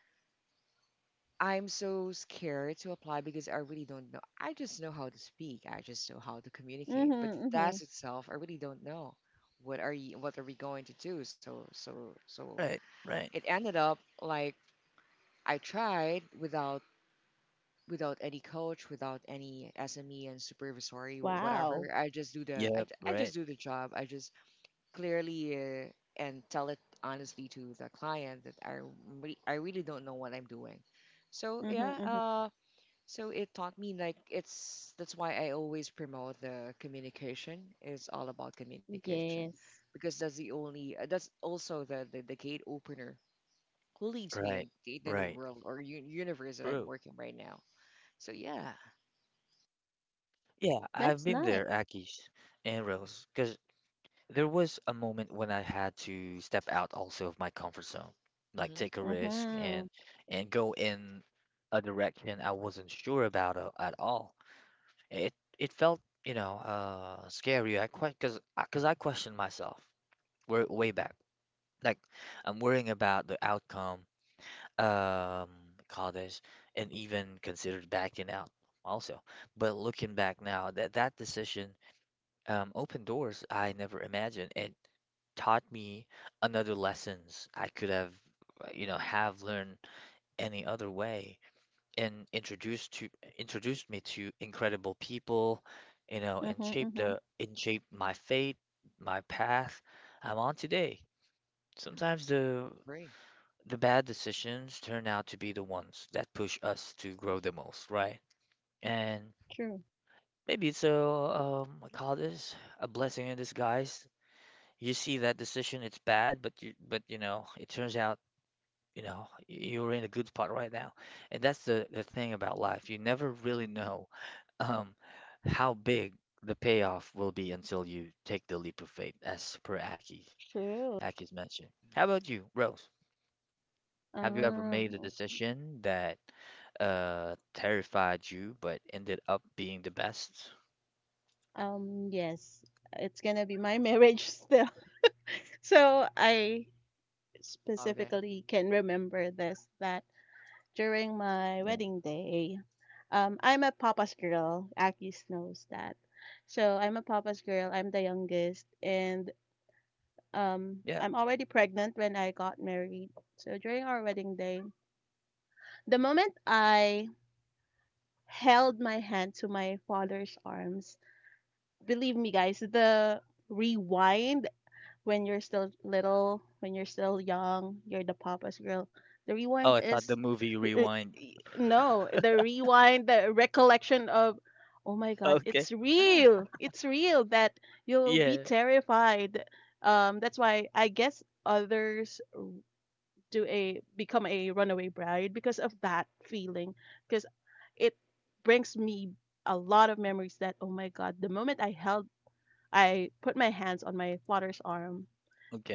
[SPEAKER 2] I'm so scared to apply because I really don't know. I just know how to speak. I just know how to
[SPEAKER 3] Mm-hmm.
[SPEAKER 2] communicate. But the
[SPEAKER 3] Mm-hmm.
[SPEAKER 2] task itself, I really don't know. What are you, what are we going to do? So so so
[SPEAKER 1] right, right,
[SPEAKER 2] it ended up like I tried without without any coach, without any S M E and supervisory, wh-
[SPEAKER 3] Wow.
[SPEAKER 2] whatever. I just do the I,
[SPEAKER 1] yep,
[SPEAKER 2] j- I just
[SPEAKER 1] right,
[SPEAKER 2] do the job. I just clearly uh, and tell it honestly to the client that I re- I really don't know what I'm doing. So
[SPEAKER 3] Mm-hmm.
[SPEAKER 2] yeah,
[SPEAKER 3] Mm-hmm.
[SPEAKER 2] uh, so it taught me like it's that's why I always promote the communication. It's all about communication
[SPEAKER 3] Yes.
[SPEAKER 2] because that's the only uh, that's also the, the the gate opener who leads me in
[SPEAKER 1] right,
[SPEAKER 2] the, the new
[SPEAKER 1] right.
[SPEAKER 2] world or u- universe that I'm
[SPEAKER 1] True.
[SPEAKER 2] working right now. So yeah,
[SPEAKER 1] Yeah, I've
[SPEAKER 3] That's
[SPEAKER 1] been
[SPEAKER 3] nice.
[SPEAKER 1] there, Aki's and Rose, because there was a moment when I had to step out also of my comfort zone, like
[SPEAKER 2] hmm,
[SPEAKER 1] take a risk
[SPEAKER 3] Mm-hmm.
[SPEAKER 1] and and go in a direction I wasn't sure about a- at all. It it felt, you know, uh, scary. I quite because because I questioned myself way, way back. Like I'm worrying about the outcome, um, call this, and even considered backing out also. But looking back now, that that decision um, opened doors I never imagined. It taught me another lessons I could have, uh, you know, have learned any other way, and introduced to introduced me to incredible people, you know, and
[SPEAKER 3] Mhm,
[SPEAKER 1] shaped
[SPEAKER 3] mhm.
[SPEAKER 1] the and shaped my fate, my path I'm on today.
[SPEAKER 2] yeah,
[SPEAKER 1] Sometimes the
[SPEAKER 2] great,
[SPEAKER 1] the bad decisions turn out to be the ones that push us to grow the most, right? And
[SPEAKER 3] True.
[SPEAKER 1] maybe it's a um, I call this a blessing in disguise. You see that decision, it's bad, but you but you know, it turns out, you know, you're in a good spot right now. And that's the the thing about life. You never really know um how big the payoff will be until you take the leap of faith, as per Aki
[SPEAKER 3] True.
[SPEAKER 1] Aki's mentioned.
[SPEAKER 2] yeah,
[SPEAKER 1] How about you, Rose? Have you ever
[SPEAKER 3] Ah.
[SPEAKER 1] made a
[SPEAKER 3] oh,
[SPEAKER 1] decision that uh terrified you but ended up being the best?
[SPEAKER 3] um, yes. It's gonna be my marriage still. So I
[SPEAKER 2] I love that.
[SPEAKER 3] specifically can remember this that during my
[SPEAKER 1] Yeah.
[SPEAKER 3] wedding day, um, I'm a papa's girl. Akis knows that. So I'm a papa's girl. I'm the youngest, and um,
[SPEAKER 1] Yeah.
[SPEAKER 3] I'm already pregnant when I got married. So during our wedding day, the moment I held my hand to my father's arms, believe me, guys, the rewind when you're still little, when you're still young, you're the papa's girl. The
[SPEAKER 1] Oh,
[SPEAKER 3] rewind
[SPEAKER 1] I thought the
[SPEAKER 3] is
[SPEAKER 1] movie Rewind.
[SPEAKER 3] no, the rewind, the recollection of, oh my God,
[SPEAKER 1] Okay.
[SPEAKER 3] it's
[SPEAKER 2] Yeah,
[SPEAKER 3] real. It's real that you'll be
[SPEAKER 1] Yeah.
[SPEAKER 3] terrified. Um, that's why I guess others do a become a runaway bride because of that feeling. Because it brings me a lot of memories that oh my god the moment I held I put my hands on my father's arm.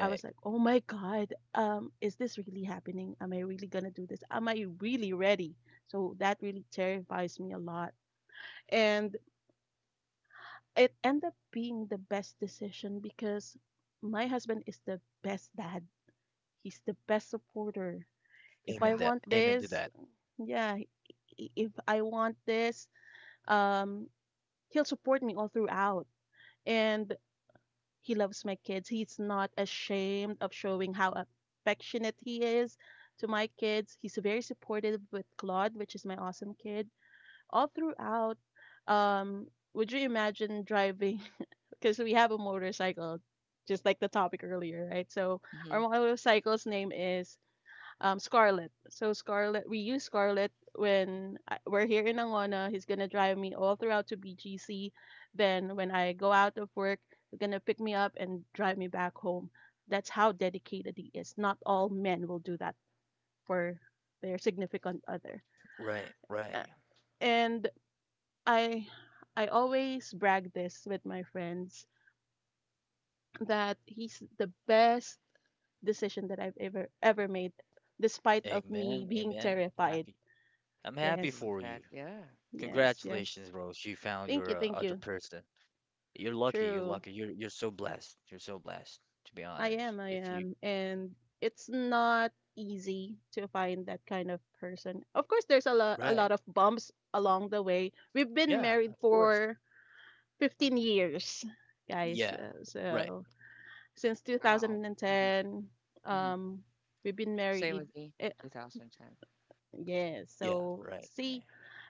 [SPEAKER 3] I was like, "Oh my God, um, is this really happening? Am I really gonna do this? Am I really ready?" So that really terrifies me a lot, and it ended up being the best decision because my husband is the best dad. He's the best supporter. If I
[SPEAKER 1] Amen
[SPEAKER 2] wow,
[SPEAKER 1] that.
[SPEAKER 3] want
[SPEAKER 1] Amen to
[SPEAKER 3] this,
[SPEAKER 1] that.
[SPEAKER 3] yeah, i- if I want this, um, he'll support me all throughout. And he loves my kids. He's not ashamed of showing how affectionate he is to my kids. He's very supportive with Claude, which is my awesome kid, all throughout. Um, would you imagine driving? Because we have a motorcycle, just like the topic earlier, right? So our
[SPEAKER 2] hmm,
[SPEAKER 3] motorcycle's name is um Scarlett. So Scarlet, we use Scarlet when I- we're here in Angona. He's gonna drive me all throughout to B G C. Then when I go out of work, he's gonna pick me up and drive me back home. That's how dedicated he is. Not all men will do that for their significant other.
[SPEAKER 1] Right, right.
[SPEAKER 3] Uh, And I I always brag this with my friends that he's the best decision that I've ever ever made, despite of me
[SPEAKER 1] Amen,
[SPEAKER 3] being
[SPEAKER 1] amen.
[SPEAKER 3] terrified.
[SPEAKER 1] Happy. I'm
[SPEAKER 2] I
[SPEAKER 1] happy
[SPEAKER 3] Yes,
[SPEAKER 2] love
[SPEAKER 1] for you.
[SPEAKER 2] that. Yeah.
[SPEAKER 3] yes, yes.
[SPEAKER 1] Congratulations, bro. You found
[SPEAKER 3] Thank you,
[SPEAKER 1] your uh,
[SPEAKER 3] thank
[SPEAKER 1] other
[SPEAKER 3] you.
[SPEAKER 1] person. You're lucky. You're
[SPEAKER 3] True.
[SPEAKER 1] lucky. You're you're so blessed. You're so blessed, to be
[SPEAKER 3] I
[SPEAKER 1] honest.
[SPEAKER 3] am, I
[SPEAKER 1] If you
[SPEAKER 3] am. And it's not easy to find that kind of person. Of course, there's a lot a
[SPEAKER 1] right,
[SPEAKER 3] lot of bumps along the way. We've been
[SPEAKER 1] yeah,
[SPEAKER 3] married
[SPEAKER 1] of course.
[SPEAKER 3] for fifteen years, guys.
[SPEAKER 1] Yeah,
[SPEAKER 3] Uh,
[SPEAKER 1] right.
[SPEAKER 3] so since
[SPEAKER 2] Wow. Hmm.
[SPEAKER 3] twenty ten,
[SPEAKER 2] Hmm.
[SPEAKER 3] um we've been
[SPEAKER 2] Same
[SPEAKER 3] married.
[SPEAKER 2] with me.
[SPEAKER 3] Uh,
[SPEAKER 2] twenty ten.
[SPEAKER 3] yeah,
[SPEAKER 1] Yeah,
[SPEAKER 3] so
[SPEAKER 1] right, right,
[SPEAKER 3] see,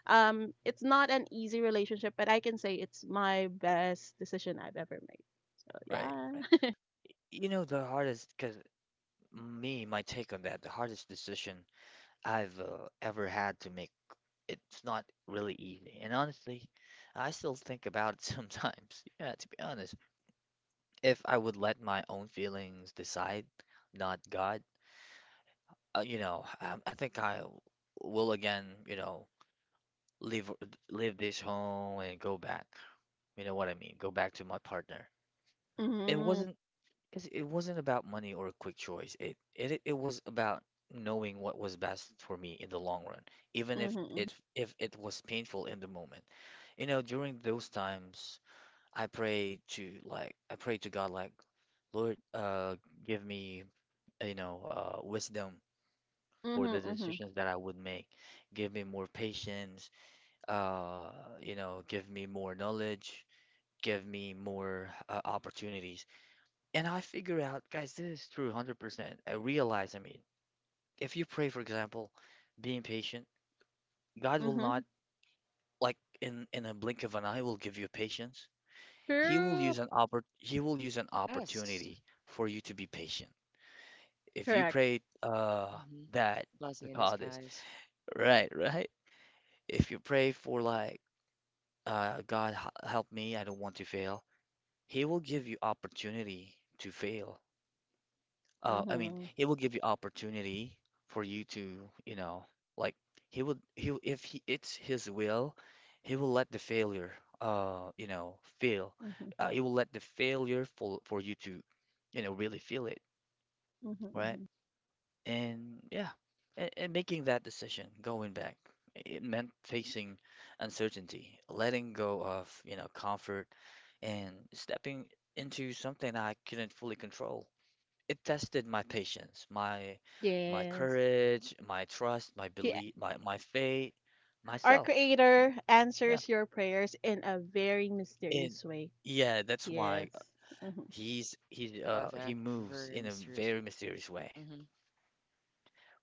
[SPEAKER 3] um it's not an easy relationship, but I can say it's my best decision I've ever made. So,
[SPEAKER 1] right, right.
[SPEAKER 3] yeah.
[SPEAKER 1] You know the hardest, because me, my take on that, the hardest decision I've uh, ever had to make. It's not really easy, and honestly, I still think about it sometimes. Yeah, to be honest. If I would let my own feelings decide, not God, uh, you know, um, I think I will again, you know, leave leave this home and go back. You know what I mean? Go back to my partner. It
[SPEAKER 3] Mhm,
[SPEAKER 1] wasn't because it wasn't about money or a quick choice. It it it was about knowing what was best for me in the long run, even if
[SPEAKER 3] mhm,
[SPEAKER 1] it if it was painful in the moment. You know, during those times, I pray to like I pray to God like, Lord, uh, give me you know, uh, wisdom for the
[SPEAKER 3] mhm, mhm,
[SPEAKER 1] decisions that I would make. Give me more patience, uh, you know, give me more knowledge, give me more uh, opportunities. And I figure out, guys, this is true one hundred percent. I realize, I mean, if you pray, for example, being patient, God will
[SPEAKER 3] mhm,
[SPEAKER 1] not,
[SPEAKER 3] mhm.
[SPEAKER 1] like, in, in a blink of an eye, will give you patience. He will
[SPEAKER 3] True.
[SPEAKER 1] use an oppor- he will use an
[SPEAKER 2] Yes.
[SPEAKER 1] opportunity for you to be patient. If you
[SPEAKER 3] Correct.
[SPEAKER 1] pray uh
[SPEAKER 2] Hmm.
[SPEAKER 1] that
[SPEAKER 2] Blessing
[SPEAKER 1] we
[SPEAKER 2] in
[SPEAKER 1] call this.
[SPEAKER 2] disguise.
[SPEAKER 1] Right, right. If you pray for like, uh, God h- help me, I don't want to fail, He will give you opportunity to fail. Uh, I mean,
[SPEAKER 3] Mhm,
[SPEAKER 1] He will give you opportunity for you to, you know, like He would, He if he, it's His will, He will let the failure, uh, you know, fail.
[SPEAKER 3] mhm,
[SPEAKER 1] Uh, he will let the failure for for you to, you know, really feel it,
[SPEAKER 3] mhm,
[SPEAKER 1] right?
[SPEAKER 3] mhm.
[SPEAKER 1] And yeah, and, and making that decision, going back, it meant facing uncertainty, letting go of, you know, comfort, and stepping into something I couldn't fully control. It tested my patience, my my
[SPEAKER 3] Yes.
[SPEAKER 1] courage, my trust, my
[SPEAKER 3] He,
[SPEAKER 1] belief, my my faith,
[SPEAKER 3] our
[SPEAKER 1] myself.
[SPEAKER 3] Creator
[SPEAKER 1] Yeah.
[SPEAKER 3] answers your prayers in a very
[SPEAKER 1] And
[SPEAKER 3] mysterious way.
[SPEAKER 1] yeah, that's why
[SPEAKER 3] Yes. Mhm.
[SPEAKER 1] he's
[SPEAKER 2] I
[SPEAKER 1] he's
[SPEAKER 2] love
[SPEAKER 1] uh he
[SPEAKER 2] that.
[SPEAKER 1] moves
[SPEAKER 2] Very
[SPEAKER 1] in a
[SPEAKER 2] mysterious.
[SPEAKER 1] very mysterious way.
[SPEAKER 2] Hmm.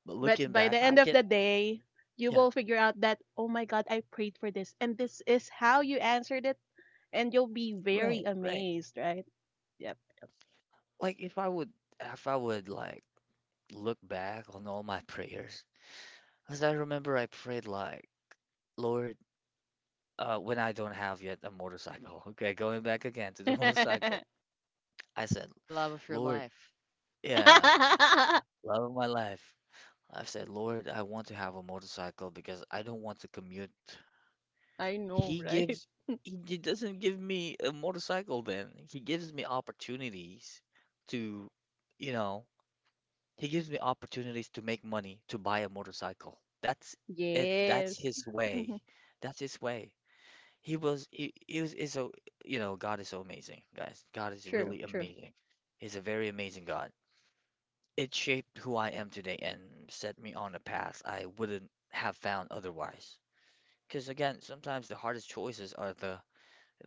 [SPEAKER 1] But
[SPEAKER 3] But
[SPEAKER 1] looking
[SPEAKER 3] by the
[SPEAKER 1] back, I
[SPEAKER 3] end of the
[SPEAKER 1] get
[SPEAKER 3] day, you
[SPEAKER 1] yeah,
[SPEAKER 3] will figure out that, oh my God, I prayed for this, and this is how you answered it, and you'll be very
[SPEAKER 1] right, right.
[SPEAKER 3] amazed, right? Yep.
[SPEAKER 1] Like if I would if I would like Look back on all my prayers, because I remember I prayed like, Lord, uh, when I don't have yet a motorcycle. Okay, going back again to the motorcycle. I said,
[SPEAKER 2] The love of your
[SPEAKER 1] Lord,
[SPEAKER 2] life.
[SPEAKER 1] yeah,
[SPEAKER 3] I
[SPEAKER 1] love of my life. I said, Lord, I want to have a motorcycle because I don't want to commute.
[SPEAKER 3] know,
[SPEAKER 1] He
[SPEAKER 3] right?
[SPEAKER 1] gives, he d- doesn't give me a motorcycle then. He gives me opportunities to, you know. He gives me opportunities to make money to buy a motorcycle. That's it. That's
[SPEAKER 3] Yes.
[SPEAKER 1] his
[SPEAKER 3] Mhm.
[SPEAKER 1] way. That's his way. He was he, he was is so you know God is so amazing, guys. God is
[SPEAKER 3] True,
[SPEAKER 1] really
[SPEAKER 3] true.
[SPEAKER 1] amazing. He's a very amazing God. It shaped who I am today and set me on a path I wouldn't have found otherwise. Because again, sometimes the hardest choices are the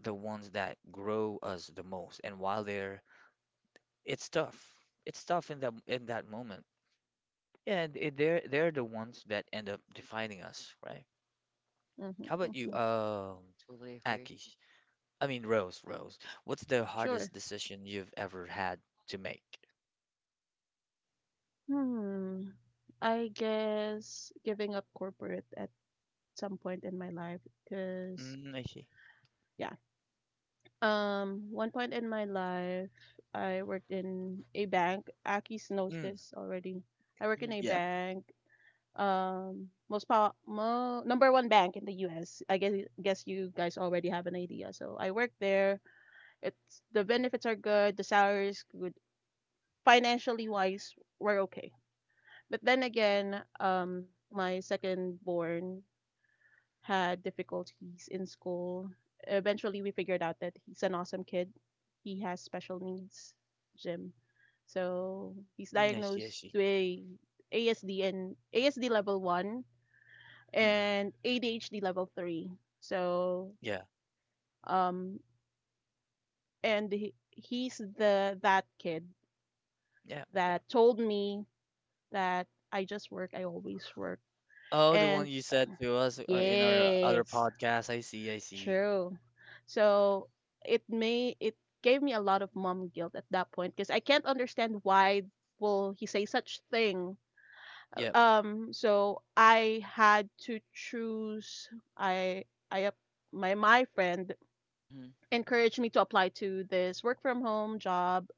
[SPEAKER 1] the ones that grow us the most. And while they're it's tough. It's tough in that in that moment. Yeah, and it- they're they're the ones that end up defining us, right?
[SPEAKER 3] Mhm,
[SPEAKER 1] How about
[SPEAKER 3] mhm.
[SPEAKER 1] you, um,
[SPEAKER 2] Totally agree.
[SPEAKER 1] Aki? I mean, Rose, Rose. What's the
[SPEAKER 3] Sure.
[SPEAKER 1] hardest decision you've ever had to make?
[SPEAKER 3] Hmm. I guess giving up corporate at some point in my life, because
[SPEAKER 1] Mm, I see.
[SPEAKER 3] yeah. Um, one point in my life, I worked in a bank. Akis knows
[SPEAKER 1] Mm,
[SPEAKER 3] this already. I work in
[SPEAKER 2] Hmm.
[SPEAKER 3] a
[SPEAKER 1] yeah.
[SPEAKER 3] bank. Um, most pow mo number one bank in the U S. I guess guess you guys already have an idea. So I work there. It's the benefits are good. The salary is good. Financially wise, we're okay. But then again, um, my second born had difficulties in school. Eventually, we figured out that he's an awesome kid. He has special needs, Jim. So he's
[SPEAKER 1] Mm, I see. I
[SPEAKER 3] diagnosed
[SPEAKER 1] see.
[SPEAKER 3] with A S D and A S D level one
[SPEAKER 1] Mm-mm.
[SPEAKER 3] and A D H D level three. So
[SPEAKER 1] Yeah.
[SPEAKER 3] um, and he, he's the that kid
[SPEAKER 1] Yeah. Yeah.
[SPEAKER 3] that told me that I just work, I always work,
[SPEAKER 1] Oh, the one
[SPEAKER 3] and
[SPEAKER 1] you said to us uh, in our other
[SPEAKER 3] yes.
[SPEAKER 1] podcast. I see. I see.
[SPEAKER 3] True. So it may it gave me a lot of mom guilt at that point because I can't understand why will he say such thing.
[SPEAKER 1] Yep.
[SPEAKER 3] Um so I had to choose I I up my my friend
[SPEAKER 2] Hmm.
[SPEAKER 3] encouraged me to apply to this work from home job.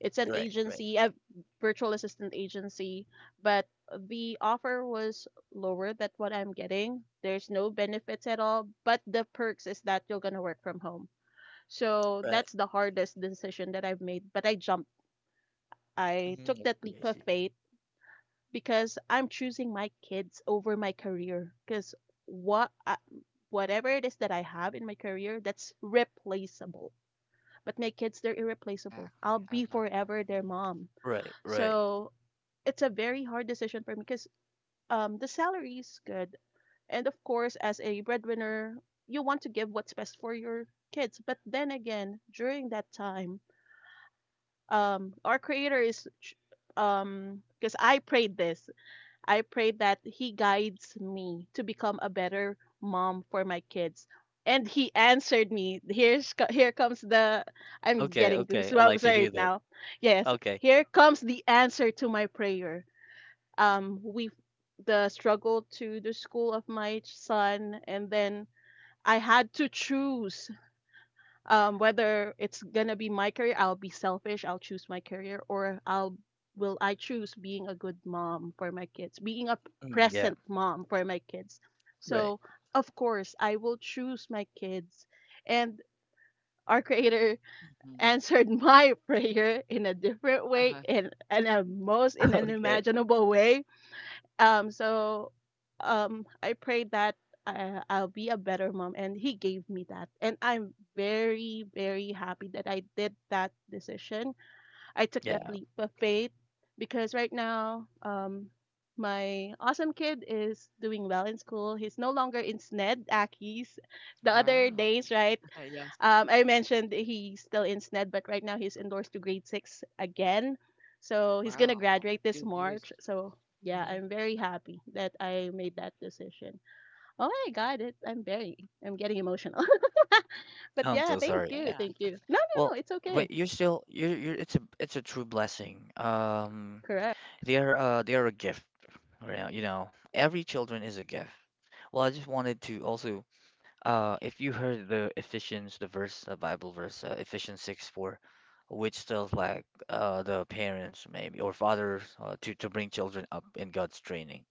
[SPEAKER 3] It's an
[SPEAKER 1] Right. Right.
[SPEAKER 3] agency, a virtual assistant agency, but the offer was lower than what I'm getting. There's no benefits at all, but the perks is that you're going to work from home. So
[SPEAKER 1] Right.
[SPEAKER 3] that's the hardest decision that I've made. But I jumped. I
[SPEAKER 1] Mm,
[SPEAKER 3] took
[SPEAKER 1] I
[SPEAKER 3] that
[SPEAKER 1] see. I
[SPEAKER 3] leap of
[SPEAKER 1] see.
[SPEAKER 3] faith because I'm choosing my kids over my career. Because what I, whatever it is that I have in my career, that's replaceable. But my kids, they're irreplaceable. I'll
[SPEAKER 2] Exactly. I
[SPEAKER 3] be
[SPEAKER 2] love that.
[SPEAKER 3] forever their
[SPEAKER 2] Hmm.
[SPEAKER 3] mom.
[SPEAKER 1] Right. Right.
[SPEAKER 3] So it's a very hard decision for me because um, the salary is good, and of course, as a breadwinner, you want to give what's best for your kids. But then again, during that time um our creator is um because i prayed this i prayed that he guides me to become a better mom for my kids, and he answered me. Here's co- here comes the I'm
[SPEAKER 1] Okay.
[SPEAKER 3] getting
[SPEAKER 1] Okay. I
[SPEAKER 3] goosebumps
[SPEAKER 1] like to hear
[SPEAKER 3] right
[SPEAKER 1] that.
[SPEAKER 3] now. Yes,
[SPEAKER 1] Okay.
[SPEAKER 3] here comes the answer to my prayer. Um we the struggle to the school of my son, and then I had to choose um, whether it's gonna be my career, I'll be selfish. I'll choose my career, or I'll will I choose being a good mom for my kids, being a
[SPEAKER 1] Mm, yeah.
[SPEAKER 3] present mom for my kids.
[SPEAKER 1] Right.
[SPEAKER 3] So of course, I will choose my kids, and our Creator
[SPEAKER 2] Hmm.
[SPEAKER 3] answered my prayer in a different
[SPEAKER 2] Uh-huh.
[SPEAKER 3] way, in in a most in an
[SPEAKER 1] Okay.
[SPEAKER 3] imaginable way. Um, so um, I prayed that I, I'll be a better mom, and he gave me that. And I'm very, very happy that I did that decision. I took that
[SPEAKER 1] Yeah.
[SPEAKER 3] leap of faith because right now, um, my awesome kid is doing well in school. He's no longer in S N E D, Aki's. The other
[SPEAKER 2] Wow.
[SPEAKER 3] days, right?
[SPEAKER 2] yes.
[SPEAKER 3] Um, I mentioned he's still in S N E D, but right now he's endorsed to grade six again. So he's gonna
[SPEAKER 2] Wow.
[SPEAKER 3] graduate
[SPEAKER 2] Good
[SPEAKER 3] this
[SPEAKER 2] news.
[SPEAKER 3] March. So yeah,
[SPEAKER 2] Hmm.
[SPEAKER 3] I'm very happy that I made that decision. Oh my God, it, I'm very, I'm getting emotional. But
[SPEAKER 1] Oh, I'm
[SPEAKER 3] yeah,
[SPEAKER 1] so
[SPEAKER 3] thank
[SPEAKER 1] sorry.
[SPEAKER 3] you,
[SPEAKER 1] Eh,
[SPEAKER 2] Yeah.
[SPEAKER 3] thank you. No, no, no,
[SPEAKER 1] well,
[SPEAKER 3] it's
[SPEAKER 1] but
[SPEAKER 3] okay.
[SPEAKER 1] you're still you're you're it's a it's a true blessing. Um,
[SPEAKER 3] Correct.
[SPEAKER 1] they are uh they are a gift, right? You know, every children is a gift. Well, I just wanted to also uh if you heard the Ephesians the verse the Bible verse uh, Ephesians six four, which tells like uh the parents maybe or fathers, uh, to to bring children up in God's training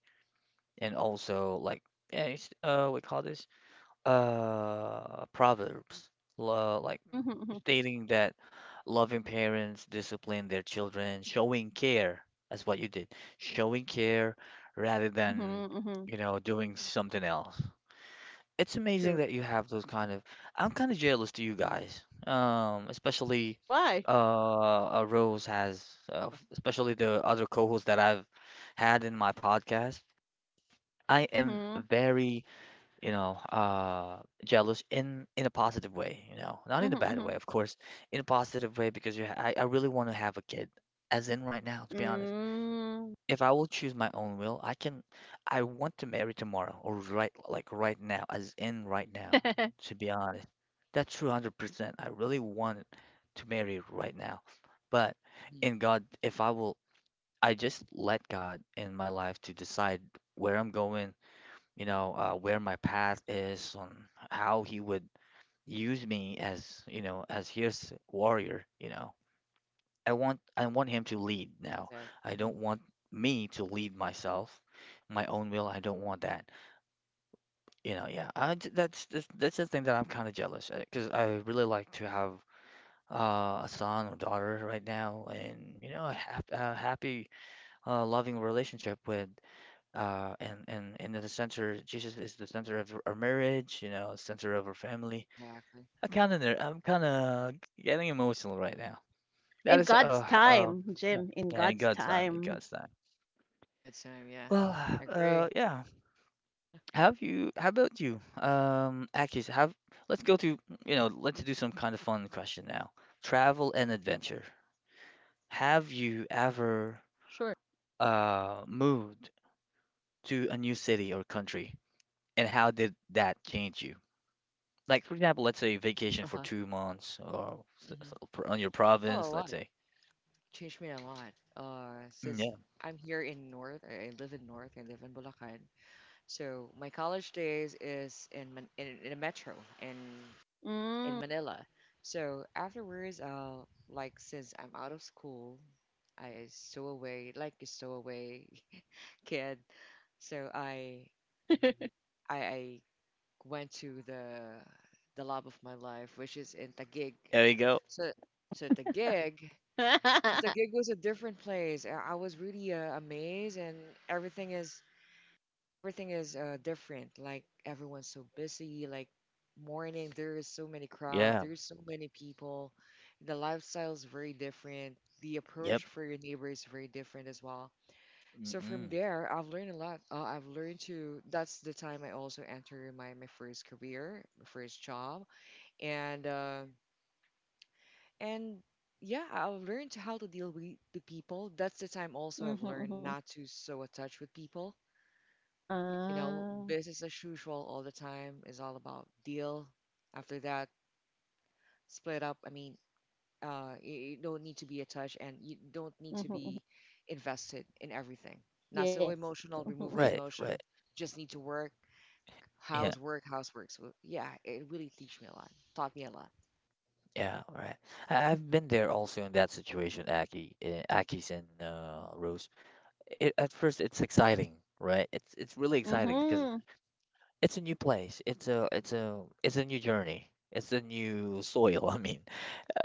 [SPEAKER 1] and also like yeah, it's, uh we call this uh Proverbs, lo- like
[SPEAKER 3] Mm-hmm,
[SPEAKER 1] stating that loving parents discipline their children, showing care. That's what you did. Showing care rather
[SPEAKER 3] mm-hmm,
[SPEAKER 1] than,
[SPEAKER 3] mm-hmm, mm-hmm.
[SPEAKER 1] you know, doing something else. It's amazing
[SPEAKER 3] True.
[SPEAKER 1] that you have those kind of. I'm kind of jealous to you guys, um, especially
[SPEAKER 3] Why?
[SPEAKER 1] uh, uh, Rose has, uh, especially the other co-hosts that I've had in my podcast. I am
[SPEAKER 3] Mm-hmm,
[SPEAKER 1] very, you know, uh, jealous in in a positive way, you know, not in
[SPEAKER 3] mm-hmm,
[SPEAKER 1] a bad
[SPEAKER 3] mm-hmm.
[SPEAKER 1] way, of course, in a positive way because you, ha- I, I really want to have a kid, as in right now, to be honest.
[SPEAKER 3] Mm.
[SPEAKER 1] If I will choose my own will, I can, I want to marry tomorrow or right, like right now, as in right now, to be honest. That's true, one hundred percent. I really want to marry right now, but
[SPEAKER 2] Hmm.
[SPEAKER 1] in God, if I will, I just let God in my life to decide where I'm going, you know, uh, where my path is, on how he would use me as, you know, as his warrior, you know. I want I want him to lead
[SPEAKER 2] I love
[SPEAKER 1] now.
[SPEAKER 2] that.
[SPEAKER 1] I
[SPEAKER 2] Hmm.
[SPEAKER 1] don't want me to lead myself, my own will. I don't want that. You know, yeah. I j- that's that's, that's the thing that I'm kind of jealous because I really like to have, uh, a son or daughter right now, and you know, a hap a happy, uh, loving relationship with, uh, and and and in the center, Jesus is the center of our marriage, you know, center of our family.
[SPEAKER 2] Exactly.
[SPEAKER 1] I kind of I'm kind of getting emotional right now. That
[SPEAKER 3] In
[SPEAKER 1] is
[SPEAKER 3] God's
[SPEAKER 1] uh uh
[SPEAKER 3] time,
[SPEAKER 1] yeah,
[SPEAKER 3] Jim. In
[SPEAKER 1] yeah, in
[SPEAKER 3] God's
[SPEAKER 1] God's time, in
[SPEAKER 3] time.
[SPEAKER 1] God's time.
[SPEAKER 2] Good time. Yeah.
[SPEAKER 1] Well,
[SPEAKER 2] I
[SPEAKER 1] uh
[SPEAKER 2] agree.
[SPEAKER 1] yeah. Have you? How about you? Um, actually, so have let's go to, you know let's do some kind of fun question now. Travel and adventure. Have you ever
[SPEAKER 3] Sure.
[SPEAKER 1] uh moved to a new city or country, and how did that change you? Like for example, let's say vacation for
[SPEAKER 2] Uh-huh.
[SPEAKER 1] two months or s-
[SPEAKER 2] Hmm.
[SPEAKER 1] s- pr- on your
[SPEAKER 2] Well, a
[SPEAKER 1] province,
[SPEAKER 2] lot.
[SPEAKER 1] let's say.
[SPEAKER 2] Changed me a lot. Uh,
[SPEAKER 1] Mm,
[SPEAKER 2] since
[SPEAKER 1] yeah,
[SPEAKER 2] I'm here in North, I I live in North, I live in Bulacan. So my college days is in Man- in, in a metro in in
[SPEAKER 3] Mm.
[SPEAKER 2] Manila. So afterwards, uh, like since I'm out of school, I stow away like a stowaway kid. So I I I went to the the love of my life, which is in Taguig.
[SPEAKER 1] there you go.
[SPEAKER 2] So so Taguig. So the gig was a different place. I I was really uh, amazed, and everything is everything is uh, different. Like everyone's so busy. Like morning, there is so many crowd.
[SPEAKER 1] Yeah,
[SPEAKER 2] There's so many people. The lifestyle is very different. The
[SPEAKER 1] yep.
[SPEAKER 2] approach for your neighbor is very different as well. So from
[SPEAKER 1] Mm-mm.
[SPEAKER 2] there, I've learned a lot. Uh, I've learned to. That's the time I also entered my my first career, my first job, and. Uh, and yeah, I've learned how to deal with the people. That's the time also I've
[SPEAKER 3] Mhm,
[SPEAKER 2] learned
[SPEAKER 3] mhm.
[SPEAKER 2] not to so attach with people. You know,
[SPEAKER 3] Ah.
[SPEAKER 2] business as usual all the time is all about deal. After that, split up. I mean, uh, you, you don't need to be attached and you don't need to
[SPEAKER 3] Mhm, mhm.
[SPEAKER 2] be invested in everything. Not so
[SPEAKER 3] Yes. Mhm,
[SPEAKER 2] emotional, remove
[SPEAKER 3] mhm.
[SPEAKER 2] the
[SPEAKER 1] Right,
[SPEAKER 2] emotion.
[SPEAKER 1] right.
[SPEAKER 2] Just need to work,
[SPEAKER 1] Yeah,
[SPEAKER 2] housework, housework. So yeah, it really teach me a lot, taught me a lot.
[SPEAKER 1] yeah, right. I, I've been there also in that situation, Aki, uh, Aki's, and uh, Rose. It, at first, it's exciting, right? It's it's really exciting because
[SPEAKER 3] Mhm,
[SPEAKER 1] it's a new place. It's a it's a it's a new journey. It's a new soil. I mean,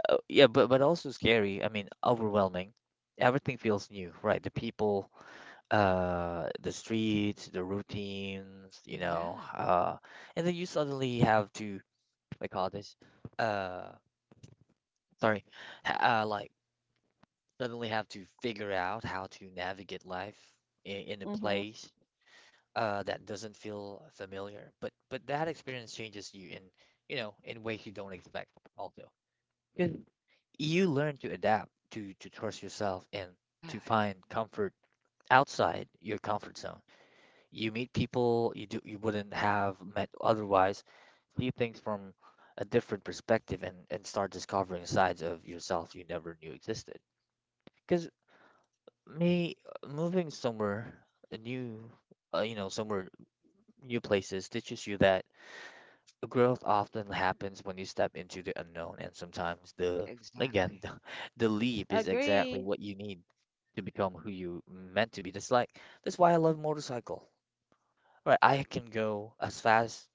[SPEAKER 1] Uh, yeah, but but also scary. I mean, overwhelming. Everything feels new, right? The people, uh the streets, the routines, you know,
[SPEAKER 2] Yeah,
[SPEAKER 1] uh and then you suddenly have to like call this uh sorry, h- uh like suddenly have to figure out how to navigate life in, in a
[SPEAKER 3] mhm.
[SPEAKER 1] place uh that doesn't feel familiar. But but that experience changes you in you know, in ways you don't expect also. 'Cause you learn to adapt, to to trust yourself and
[SPEAKER 2] yeah,
[SPEAKER 1] to find comfort outside your comfort zone. You meet people you do you wouldn't have met otherwise, see things from a different perspective, and, and start discovering sides of yourself you never knew existed. Because me uh, moving somewhere a new uh, you know somewhere new places teaches you that growth often happens when you step into the unknown and sometimes the again,
[SPEAKER 2] exactly.
[SPEAKER 1] the, the leap is exactly
[SPEAKER 3] Agree.
[SPEAKER 1] what you need to become who you meant to be. That's like that's why I love motorcycle. Right, I can go as fast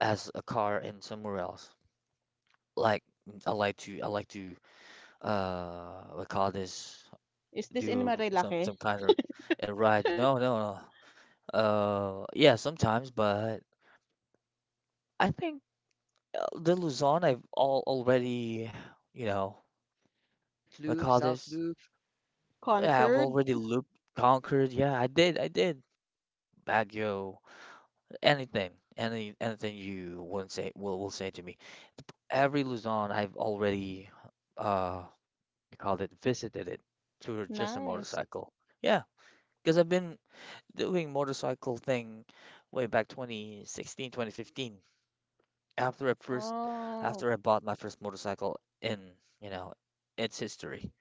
[SPEAKER 1] as a car in somewhere else. Like I like to I like to uh we call this,
[SPEAKER 3] Is this in
[SPEAKER 1] do a- some
[SPEAKER 3] Marilake?
[SPEAKER 1] some kind of a ride. No, no, no. Uh, yeah, sometimes, but I think, uh, the Luzon I've all already, you know,
[SPEAKER 2] Alert
[SPEAKER 1] what
[SPEAKER 2] loop,
[SPEAKER 1] call
[SPEAKER 2] self
[SPEAKER 1] this?
[SPEAKER 2] loop.
[SPEAKER 1] Yeah, I've
[SPEAKER 3] Concord?
[SPEAKER 1] already looped, conquered. Yeah, I did, I did. Baguio, anything, any anything you wouldn't say will will say to me. Every Luzon I've already, uh you call it, visited it to just a
[SPEAKER 3] Nice.
[SPEAKER 1] motorcycle. Yeah, because I've been doing motorcycle thing way back twenty sixteen, twenty fifteen. After I first,
[SPEAKER 3] Oh.
[SPEAKER 1] after I bought my first motorcycle in, you know, its history.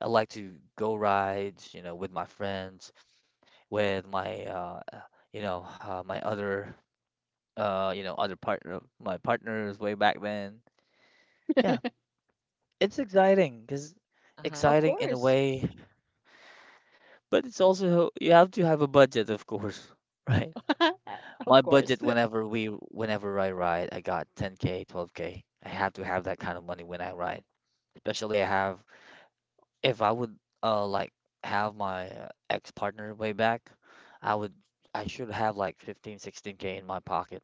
[SPEAKER 1] I like to go rides, you know, with my friends, with my, uh, uh, you know, uh, my other, uh, you know, other partner, my partners way back then. Yeah, it's exciting because
[SPEAKER 2] Uh-huh.
[SPEAKER 3] Of
[SPEAKER 1] exciting in a
[SPEAKER 3] course.
[SPEAKER 1] way. But it's also you have to have a budget, of course, right? My
[SPEAKER 3] Of
[SPEAKER 1] budget
[SPEAKER 3] course.
[SPEAKER 1] whenever we whenever I ride, I got ten k, twelve k. I have to have that kind of money when I ride. Especially I have if I would uh like have my, uh, ex-partner way back, I would I should have like fifteen, sixteen k in my pocket.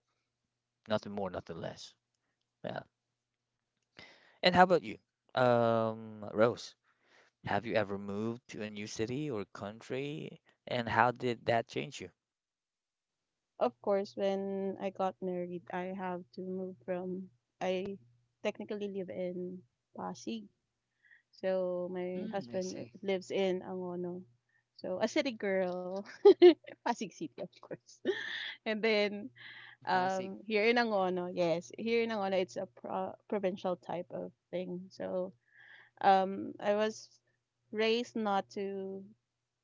[SPEAKER 1] Nothing more, nothing less. Yeah. And how about you? Um, Rose, have you ever moved to a new city or country? And how did that change you?
[SPEAKER 3] Of course, when I got married, I have to move from, I technically live in Pasig. So my
[SPEAKER 2] Mm, I
[SPEAKER 3] husband
[SPEAKER 2] see.
[SPEAKER 3] lives in Angono. So a city girl, Pasig City, of course. And then
[SPEAKER 2] From Pasig.
[SPEAKER 3] Um, here in Angono, yes, here in Angono, it's a pro provincial type of thing. So, um, I was raised not to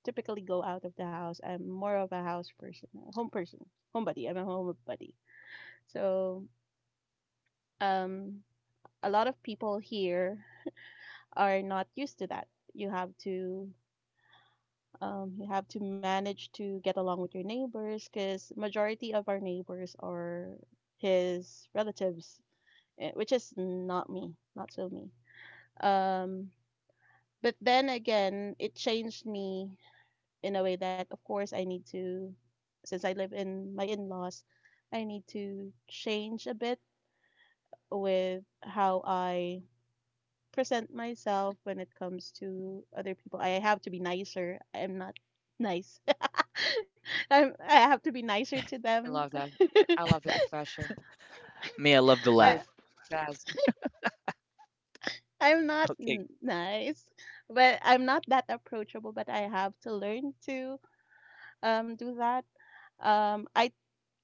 [SPEAKER 3] typically go out of the house. I'm more of a house person, a home person, homebody. I'm a homebody. So, um, a lot of people here are not used to that. You have to um, you have to manage to get along with your neighbors because majority of our neighbors are his relatives eh, which is not me, not so me. Um, but then again, it changed me in a way that, of course, I need to, since I live in my in laws, I need to change a bit with how I present myself when it comes to other people. I have to be nicer. I'm not nice. I'm, I have to be nicer to
[SPEAKER 2] I
[SPEAKER 3] them.
[SPEAKER 2] love that. I love the confession.
[SPEAKER 1] Me, I love to
[SPEAKER 2] Very
[SPEAKER 3] I,
[SPEAKER 1] laugh.
[SPEAKER 2] fast.
[SPEAKER 3] I'm not
[SPEAKER 1] Okay,
[SPEAKER 3] n- nice, but I'm not that approachable, but I have to learn to um do that. Um, I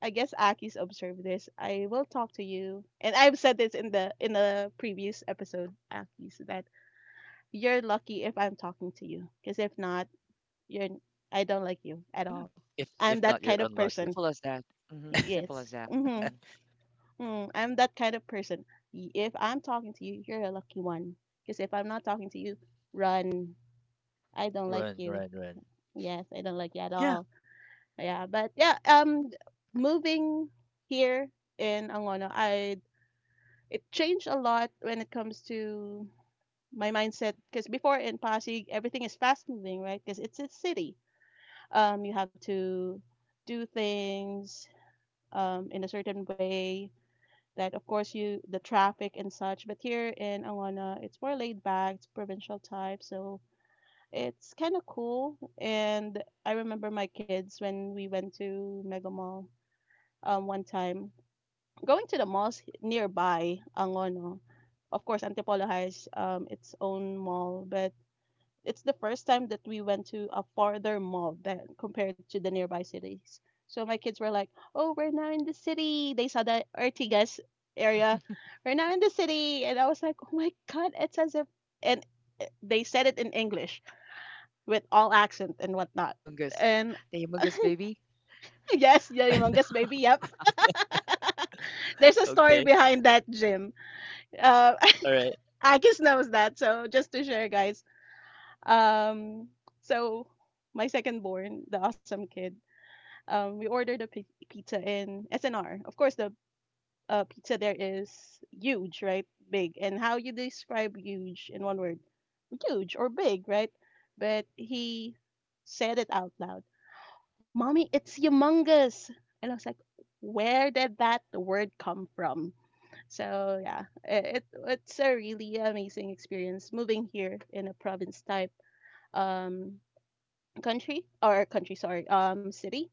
[SPEAKER 3] I guess Aki's observed this. I will talk to you, and I've said this in the in the previous episode, Aki's, that you're lucky if I'm talking to you, because if not, you're I don't like you
[SPEAKER 2] Yeah.
[SPEAKER 3] at all.
[SPEAKER 1] If
[SPEAKER 3] I'm
[SPEAKER 1] if
[SPEAKER 3] that
[SPEAKER 1] not, you're
[SPEAKER 3] kind of
[SPEAKER 1] unlucky.
[SPEAKER 3] person.
[SPEAKER 2] Simple as that. Hmm. Simple as
[SPEAKER 3] Yes.
[SPEAKER 2] that. Hmm.
[SPEAKER 3] Mm-hmm. Mm, I'm that kind of person. Y- if I'm talking to you, you're a lucky one. Because if I'm not talking to you, run. I don't like
[SPEAKER 1] Run,
[SPEAKER 3] you.
[SPEAKER 1] run, run.
[SPEAKER 3] Yes, I don't like you at
[SPEAKER 1] Yeah.
[SPEAKER 3] all. Yeah, but yeah, um, moving here in Angono, I it changed a lot when it comes to my mindset. Because before in Pasig, everything is fast moving, right? Because it's a city. Um, you have to do things um in a certain way that, of course, you the traffic and such. But here in Angono, it's more laid back. It's provincial type, so it's kind of cool. And I remember my kids when we went to Mega Mall um, one time going to the malls nearby Angono. Of course, Antipolo has um, its own mall, but it's the first time that we went to a farther mall than compared to the nearby cities. So my kids were like, "Oh, we're now in the city." They saw the Ortigas
[SPEAKER 2] Hmm.
[SPEAKER 3] area. We're now in the city, and I was like, "Oh my God!" It's as if and uh, they said it in English with all accent and
[SPEAKER 2] The
[SPEAKER 3] whatnot.
[SPEAKER 2] Humongous.
[SPEAKER 3] And
[SPEAKER 2] The humongous baby.
[SPEAKER 3] yes, yeah, humongous baby. Yep, there's a story
[SPEAKER 1] Okay.
[SPEAKER 3] behind that, Jim. Uh,
[SPEAKER 1] All right.
[SPEAKER 3] Akis knows that. So just to share, guys. Um, so my second born, the awesome kid, um, we ordered the pi- pizza in S N R. Of course, the uh, pizza there is huge, right? Big. And how you describe huge in one word? Huge or big, right? But he said it out loud. Mommy, it's humongous. And I was like, where did that word come from? So yeah, i- it it's a really amazing experience moving here in a province type um country or country sorry um city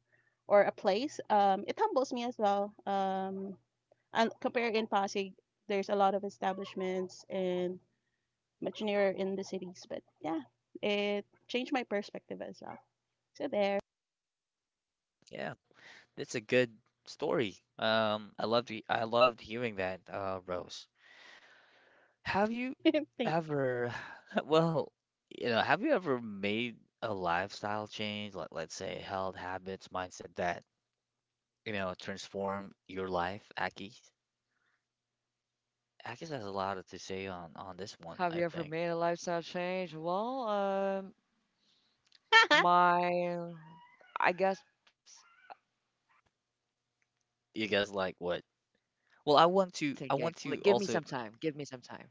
[SPEAKER 3] or a place. Um, it humbles me as well. Um, and compare in Pasig, there's a lot of establishments and much nearer in the cities, but yeah, it changed my perspective as well. So there,
[SPEAKER 1] Yeah. That's a good story. Um, I loved he- I loved hearing that, uh, Rose. Have you
[SPEAKER 3] thank.
[SPEAKER 1] ever, well, you know, have you ever made a lifestyle change, like let's say health habits, mindset that, you know, transform your life? Aki, Aki has a lot to say on on this one,
[SPEAKER 2] Have
[SPEAKER 1] I
[SPEAKER 2] you ever
[SPEAKER 1] think.
[SPEAKER 2] made a lifestyle change? Well, um, my, I guess
[SPEAKER 1] You guys like what? Well, I want
[SPEAKER 2] I'm
[SPEAKER 1] to I
[SPEAKER 2] thinking.
[SPEAKER 1] want to
[SPEAKER 2] Like, give me some
[SPEAKER 1] also.
[SPEAKER 2] time. Give me some time.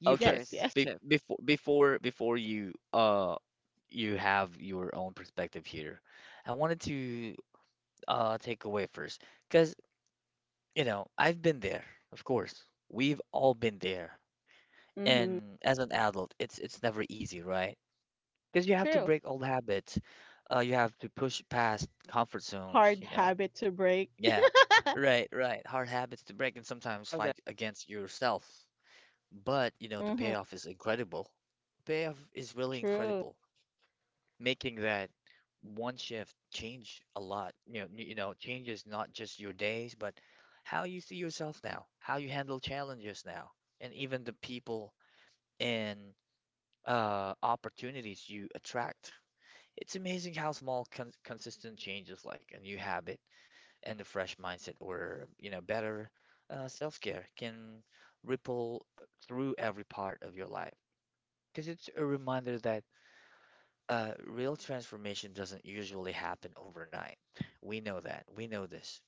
[SPEAKER 2] You
[SPEAKER 1] Okay.
[SPEAKER 3] Yes,
[SPEAKER 2] first,
[SPEAKER 3] yes.
[SPEAKER 1] Be
[SPEAKER 2] Chip.
[SPEAKER 1] before before before you uh you have your own perspective here, I wanted to uh take away first because you know I've been there, of course. We've all been there,
[SPEAKER 3] Mm-hmm.
[SPEAKER 1] and as an adult, it's it's never easy, right? Because you have to
[SPEAKER 3] True.
[SPEAKER 1] break old habits, uh, you have to push past comfort zones,
[SPEAKER 3] Hard
[SPEAKER 1] you know.
[SPEAKER 3] habit to break.
[SPEAKER 1] Yeah, right, right. Hard habits to break and
[SPEAKER 2] I
[SPEAKER 1] sometimes
[SPEAKER 2] love that.
[SPEAKER 1] fight against yourself, But, you know, the
[SPEAKER 3] Mm-hmm.
[SPEAKER 1] payoff is incredible. Payoff is really
[SPEAKER 3] True.
[SPEAKER 1] incredible, making that one shift change a lot. You know, you know, changes not just your days, but how you see yourself now, how you handle challenges now, and even the people and, uh, opportunities you attract. It's amazing how small, con consistent changes like a new habit and a fresh mindset or, you know, better, uh, self-care can ripple through every part of your life, because it's a reminder that, uh, real transformation doesn't usually happen overnight. We know that. We know this.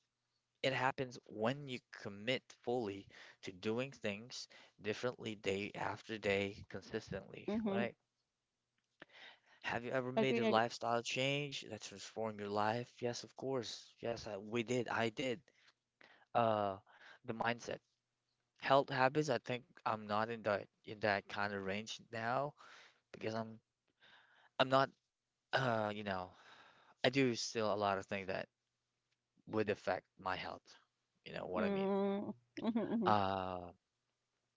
[SPEAKER 1] It happens when you commit fully to doing things differently day after day consistently,
[SPEAKER 3] Mm-hmm.
[SPEAKER 1] right? Have you ever made
[SPEAKER 3] Agree.
[SPEAKER 1] a
[SPEAKER 3] Agree.
[SPEAKER 1] lifestyle change that transformed your life? Yes, of course. Yes, I, we did. I did. Uh, the mindset, health habits. I think I'm not in that in that kind of range now because I'm I'm not, uh you know I do still a lot of things that would affect my health. You know what I mean?
[SPEAKER 3] Mm, mhm, mhm.
[SPEAKER 1] Uh,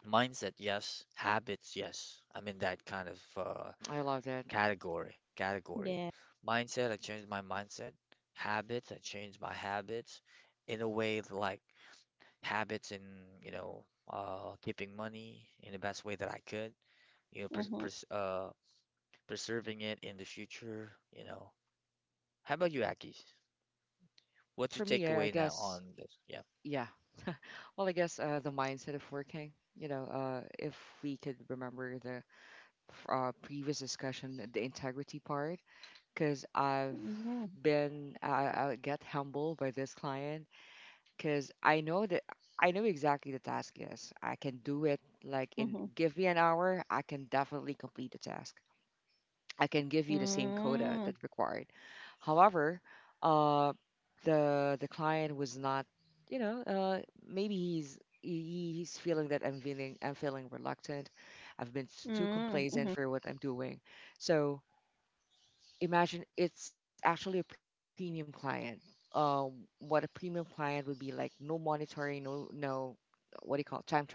[SPEAKER 1] mindset, yes. Habits, yes. I'm in that kind of, uh,
[SPEAKER 2] Mm, I love that.
[SPEAKER 1] category. Category.
[SPEAKER 3] Yeah.
[SPEAKER 1] Mindset, I changed my mindset. Habits, I changed my habits in a way that, like habits in, you know, uh, keeping money in the best way that I could. You know, pres
[SPEAKER 3] Mhm.
[SPEAKER 1] pres uh, preserving it in the future. You know. How about you, Aki?
[SPEAKER 2] Well,
[SPEAKER 1] What's your
[SPEAKER 2] for me, I I
[SPEAKER 1] takeaway now
[SPEAKER 2] guess,
[SPEAKER 1] on this? Yeah.
[SPEAKER 2] yeah. Well, I guess uh, the mindset of working, you know, uh, if we could remember the f- uh, previous discussion, the integrity part, because I've
[SPEAKER 3] Mhm,
[SPEAKER 2] been, I, I get humbled by this client because I know that I know exactly the task is. I can do it like in,
[SPEAKER 3] mhm.
[SPEAKER 2] give me an hour, I can definitely complete the task. I can give you the same quota
[SPEAKER 3] Mm,
[SPEAKER 2] that required. However, uh, the the client was not, you know, uh, maybe he's he- he's feeling that I'm feeling I'm feeling reluctant. I've been s- too
[SPEAKER 3] mm,
[SPEAKER 2] complacent
[SPEAKER 3] mhm.
[SPEAKER 2] for what I'm doing. So imagine it's actually a premium client. Um, what a premium client would be like: no monitoring, no no, what do you call it, time tracker,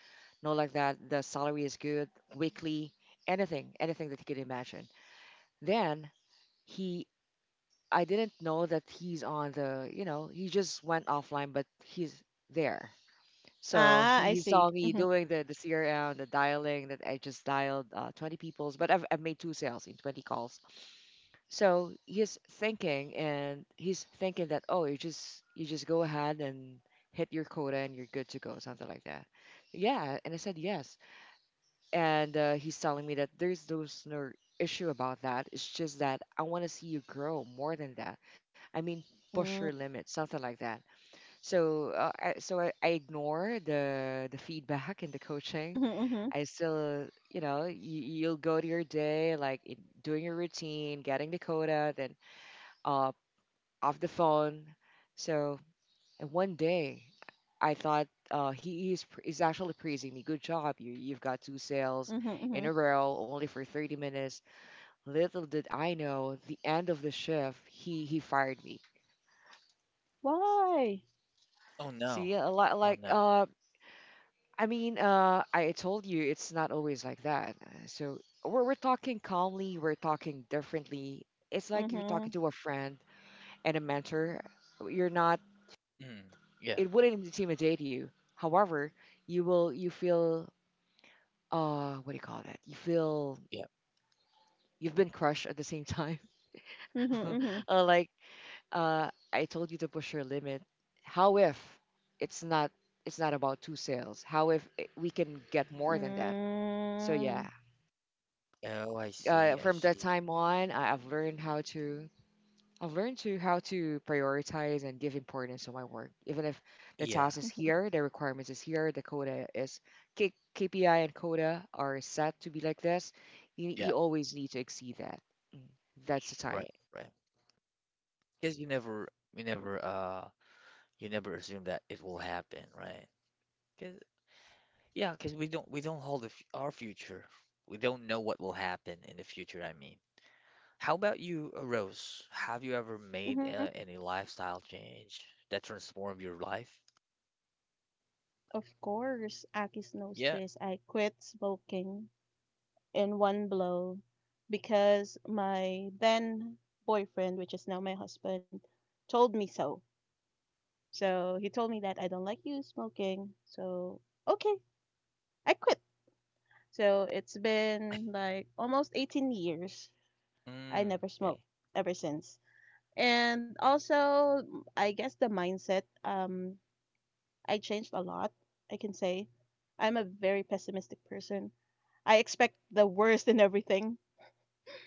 [SPEAKER 2] no like that. The salary is good, weekly, anything, anything that you could imagine. Then he I didn't know that he's on the, you know, he just went offline, but he's there. So
[SPEAKER 3] Ah,
[SPEAKER 2] he,
[SPEAKER 3] I
[SPEAKER 2] he
[SPEAKER 3] see.
[SPEAKER 2] saw me
[SPEAKER 3] Mhm.
[SPEAKER 2] doing the the C R M, the dialing, that I just dialed uh, twenty people's, but I've, I've made two sales in twenty calls. So he's thinking and he's thinking that, oh, you just you just go ahead and hit your quota and you're good to go, something like that. Yeah, and I said yes. And uh, he's telling me that there's those no issue about that. It's just that I want to see you grow more than that. I mean, push your
[SPEAKER 3] Mm,
[SPEAKER 2] limits, something like that. So, uh, I, so I, I ignore the the feedback and the coaching.
[SPEAKER 3] mhm, mhm,
[SPEAKER 2] I still, you know, you, you'll go to your day like in, doing your routine, getting the quota, then uh, off the phone. So and one day, I thought uh, he is pr- is actually praising me. Good job, you you've got two sales
[SPEAKER 3] mhm,
[SPEAKER 2] in
[SPEAKER 3] mhm.
[SPEAKER 2] a row, only for thirty minutes. Little did I know, the end of the shift, he he fired me.
[SPEAKER 3] Why?
[SPEAKER 1] Oh
[SPEAKER 2] See,
[SPEAKER 1] no.
[SPEAKER 2] a lot
[SPEAKER 1] Oh
[SPEAKER 2] like
[SPEAKER 1] no.
[SPEAKER 2] uh, I mean, uh, I told you it's not always like that. Uh, So we're we're talking calmly, we're talking differently. It's like you're talking
[SPEAKER 3] Mhm,
[SPEAKER 2] to a friend and a mentor. You're not.
[SPEAKER 1] Mm. Yeah.
[SPEAKER 2] It wouldn't intimidate you. However, you will you feel, uh what do you call that, you feel
[SPEAKER 1] Yeah.
[SPEAKER 2] you've been crushed at the same time.
[SPEAKER 3] mhm, mhm.
[SPEAKER 2] Uh, like, uh I told you to push your limit. How if it's not, it's not about two sales, how if it- we can get more than that? So yeah,
[SPEAKER 3] Mm,
[SPEAKER 2] I
[SPEAKER 1] Oh, I
[SPEAKER 2] think uh
[SPEAKER 1] see. I
[SPEAKER 2] from that
[SPEAKER 1] see.
[SPEAKER 2] time on, I, I've learned how to, I've learned to how to prioritize and give importance to my work, even if the
[SPEAKER 1] Yeah.
[SPEAKER 2] task is
[SPEAKER 3] mhm,
[SPEAKER 2] here, the requirements is here, the quota is, K- KPI and quota are set to be like this. You,
[SPEAKER 1] Yeah.
[SPEAKER 2] you always need to exceed that. Mm. That's the time.
[SPEAKER 1] Right. Right. Because you never, we never, uh, you never assume that it will happen, right? Because yeah, because we don't, we don't hold the f our future. We don't know what will happen in the future. I mean, how about you, uh, Rose? Have you ever made
[SPEAKER 3] mhm.
[SPEAKER 1] uh, any lifestyle change that transformed your life?
[SPEAKER 3] Of course, Akis knows
[SPEAKER 1] Yeah.
[SPEAKER 3] this. I quit smoking in one blow because my then boyfriend, which is now my husband, told me so. So he told me that I don't like you smoking. So, okay, I quit. So it's been like almost eighteen years. I
[SPEAKER 1] Mm,
[SPEAKER 3] never
[SPEAKER 1] okay.
[SPEAKER 3] smoked ever since. And also, I guess the mindset, um, I changed a lot, I can say. I'm a very pessimistic person. I expect the worst in everything.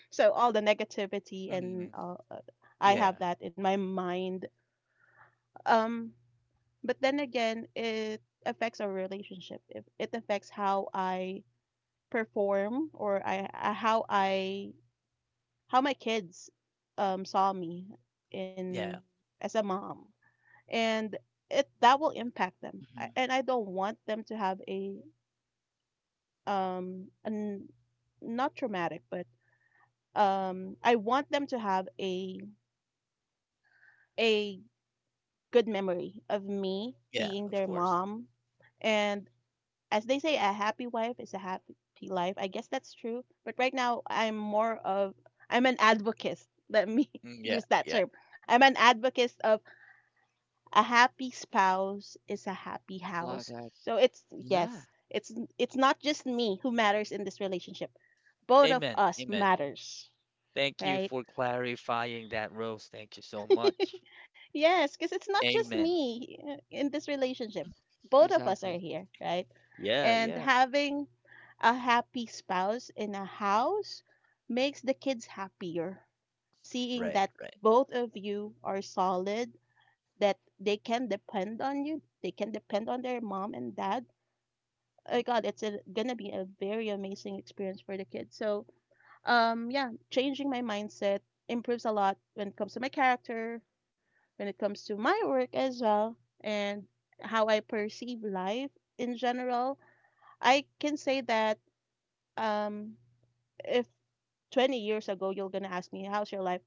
[SPEAKER 3] So all the negativity and
[SPEAKER 1] Mm,
[SPEAKER 3] uh, uh, I have
[SPEAKER 1] yeah,
[SPEAKER 3] that in my mind. Um, But then again, it affects our relationship. If it affects how I perform or I, I how I how my kids um, saw me in
[SPEAKER 1] yeah,
[SPEAKER 3] as a mom, and it that will impact them.
[SPEAKER 2] Hmm.
[SPEAKER 3] I, and I don't want them to have a um an, not traumatic, but um I want them to have a a good memory of me
[SPEAKER 1] yeah,
[SPEAKER 3] being
[SPEAKER 1] of
[SPEAKER 3] their
[SPEAKER 1] course.
[SPEAKER 3] mom and as they say, a happy wife is a happy life. I guess that's true. But right now, I'm more of I'm an advocate. Let me
[SPEAKER 1] Mm, yeah,
[SPEAKER 3] use that
[SPEAKER 1] yeah.
[SPEAKER 3] term. I'm an advocate of a happy spouse is a happy
[SPEAKER 2] I love
[SPEAKER 3] house.
[SPEAKER 2] that.
[SPEAKER 3] So it's
[SPEAKER 2] Yeah,
[SPEAKER 3] yes, it's it's not just me who matters in this relationship. Both of
[SPEAKER 1] Amen.
[SPEAKER 3] us
[SPEAKER 1] Amen.
[SPEAKER 3] matters,
[SPEAKER 1] Thank you
[SPEAKER 3] right?
[SPEAKER 1] for clarifying that, Rose. Thank you so much.
[SPEAKER 3] Yes, because it's not just
[SPEAKER 1] Amen.
[SPEAKER 3] me uh, in this
[SPEAKER 2] hmm,
[SPEAKER 3] relationship. Both of us
[SPEAKER 2] exactly.
[SPEAKER 3] are here, right?
[SPEAKER 1] Yeah,
[SPEAKER 3] And
[SPEAKER 1] yeah.
[SPEAKER 3] having a happy spouse in a house makes the kids happier. Seeing
[SPEAKER 1] Right,
[SPEAKER 3] that
[SPEAKER 1] right.
[SPEAKER 3] both of you are solid, that they can depend on you, they can depend on their mom and dad. Oh God, it's a, gonna be a very amazing experience for the kids. So, um, yeah, changing my mindset improves a lot when it comes to my character, when it comes to my work as well, and how I perceive life in general. I can say that um if twenty years ago you're gonna ask me how's your life,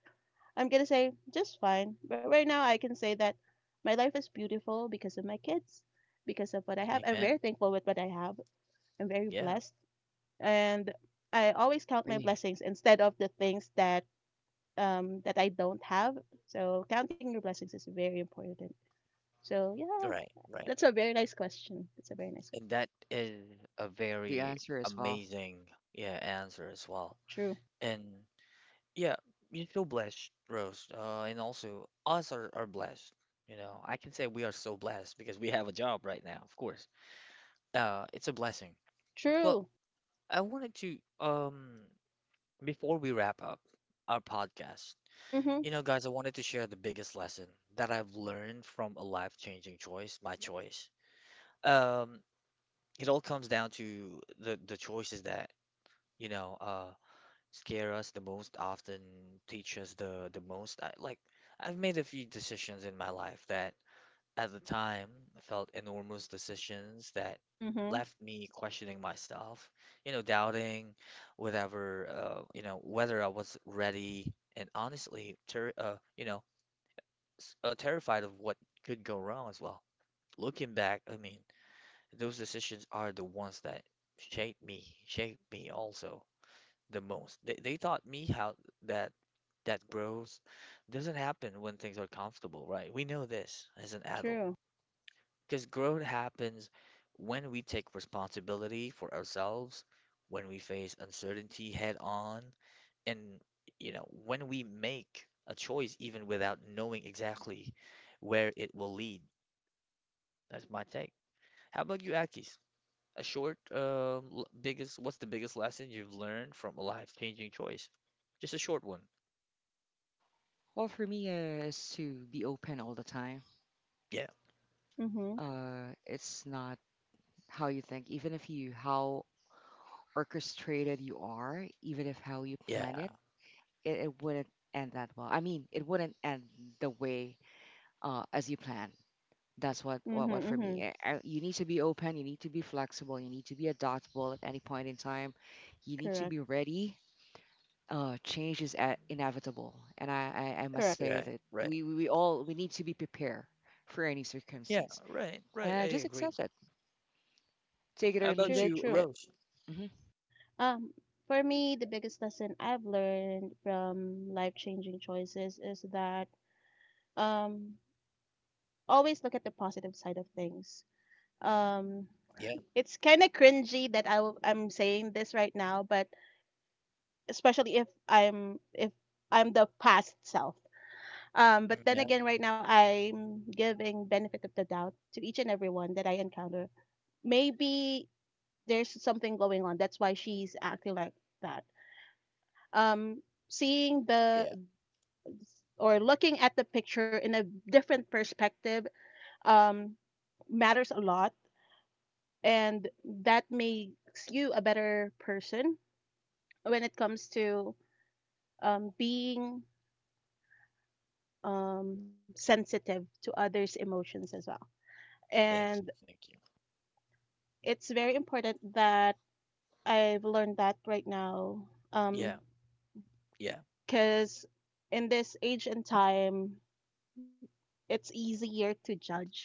[SPEAKER 3] I'm gonna say just fine, but right now I can say that my life is beautiful because of my kids, because of what I have. I'm
[SPEAKER 1] Amen.
[SPEAKER 3] very thankful with what I have. I'm very
[SPEAKER 1] Yeah,
[SPEAKER 3] blessed, and I always count my
[SPEAKER 2] Agree.
[SPEAKER 3] blessings instead of the things that um that I don't have. So counting your blessings is very important. So yeah,
[SPEAKER 1] right, right.
[SPEAKER 3] that's a very nice question. That's a very nice question.
[SPEAKER 1] And that is a
[SPEAKER 2] Love the
[SPEAKER 1] very
[SPEAKER 2] answer as well.
[SPEAKER 1] amazing, yeah, answer as well.
[SPEAKER 3] True,
[SPEAKER 1] And yeah, you're so blessed, Rose. Uh, and also us are, are blessed. You know, I can say we are so blessed because we have a job right now, of course. Uh, it's a blessing. Well,
[SPEAKER 3] true.
[SPEAKER 1] I wanted to um before we wrap up our podcast,
[SPEAKER 3] Mm-hmm,
[SPEAKER 1] you know, guys, I wanted to share the biggest lesson that I've learned from a life-changing choice, my choice. Um, it all comes down to the the choices that, you know, uh, scare us the most, often teach us the the most. I, like, I've made a few decisions in my life that at the time, I felt enormous decisions that
[SPEAKER 3] mm-hmm,
[SPEAKER 1] left me questioning myself, you know, doubting whatever, uh, you know, whether I was ready and honestly, ter uh, you know, s- uh, terrified of what could go wrong as well. Looking back, I mean, those decisions are the ones that shaped me, shaped me also the most. They, they taught me how that that growth doesn't happen when things are comfortable, right? We know this as an adult
[SPEAKER 3] true,
[SPEAKER 1] because growth happens when we take responsibility for ourselves, when we face uncertainty head on, and you know, when we make a choice even without knowing exactly where it will lead. That's my take. How about you, Akis? A short, um, l- biggest, what's the biggest lesson you've learned from a life-changing choice? Just a short one.
[SPEAKER 2] Well, for me, uh, is to be open all the time.
[SPEAKER 1] Yeah,
[SPEAKER 3] mm-hmm,
[SPEAKER 2] Uh, it's not how you think, even if you how orchestrated you are, even if how you
[SPEAKER 1] yeah,
[SPEAKER 2] plan it, it, it wouldn't end that well. I mean, it wouldn't end the way, uh, as you plan. That's what, what
[SPEAKER 3] mm-hmm,
[SPEAKER 2] what for me.
[SPEAKER 3] mm-hmm,
[SPEAKER 2] I, I, you need to be open. You need to be flexible. You need to be adaptable at any point in time. You need to
[SPEAKER 3] correct.
[SPEAKER 2] be ready. Uh, change is a inevitable, and I, I, I must
[SPEAKER 3] Correct.
[SPEAKER 2] say
[SPEAKER 1] right,
[SPEAKER 2] that
[SPEAKER 1] right.
[SPEAKER 2] we, we we all we need to be prepared for any
[SPEAKER 1] Yeah,
[SPEAKER 2] circumstance
[SPEAKER 1] right, right. I
[SPEAKER 2] and just
[SPEAKER 1] agree.
[SPEAKER 2] accept it. Take it
[SPEAKER 1] How
[SPEAKER 2] or leave
[SPEAKER 1] about
[SPEAKER 3] True,
[SPEAKER 2] it.
[SPEAKER 1] you,
[SPEAKER 3] true.
[SPEAKER 2] Uh,
[SPEAKER 1] Rose?
[SPEAKER 2] mhm.
[SPEAKER 3] Um, for me, the biggest lesson I've learned from life-changing choices is that um, always look at the positive side of things. Um,
[SPEAKER 1] Yeah,
[SPEAKER 3] it's kind of cringy that I w I'm saying this right now, but especially if I'm if I'm the past self. Um, but
[SPEAKER 1] mm,
[SPEAKER 3] then
[SPEAKER 1] yeah,
[SPEAKER 3] again, right now I'm giving benefit of the doubt to each and everyone that I encounter. Maybe there's something going on. That's why she's acting like that, um, seeing the
[SPEAKER 1] yeah.
[SPEAKER 3] or looking at the picture in a different perspective um, matters a lot, and that makes you a better person when it comes to um, being um, sensitive to others' emotions as well. And
[SPEAKER 1] Thank you, thank you.
[SPEAKER 3] it's very important that I've learned that right now,
[SPEAKER 1] Yeah, yeah,
[SPEAKER 3] because in this age and time, it's easier to judge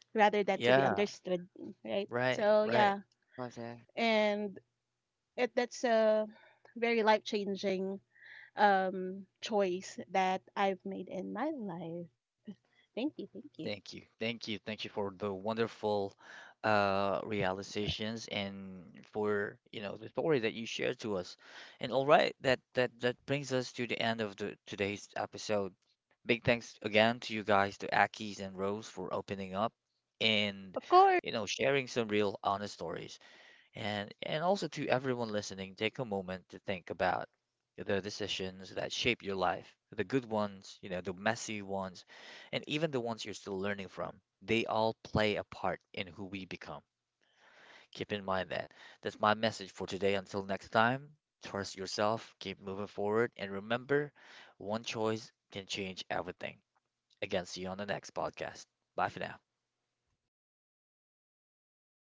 [SPEAKER 3] rather than to be
[SPEAKER 1] yeah.
[SPEAKER 3] understood, right?
[SPEAKER 1] Right,
[SPEAKER 3] So
[SPEAKER 1] right.
[SPEAKER 3] yeah,
[SPEAKER 2] I love that.
[SPEAKER 3] and it that's a very life-changing um choice that I've made in my life. Thank you, thank you.
[SPEAKER 1] Thank you. Thank you. Thank you for the wonderful uh
[SPEAKER 2] I love
[SPEAKER 1] realizations and for, you know, the story that you shared to us. And all right, that that that brings us to the end of the today's episode. Big thanks again to you guys, to Akis and Rose for opening up and,
[SPEAKER 3] Of course.
[SPEAKER 1] you know, sharing some real honest stories. And and also to everyone listening, take a moment to think about the decisions that shape your life, the good ones, you know, the messy ones, and even the ones you're still learning from. They all play a part in who we become. Keep in mind that. That's my message for today. Until next time, trust yourself, keep moving forward, and remember, one choice can change everything. Again, see you on the next podcast. Bye for now.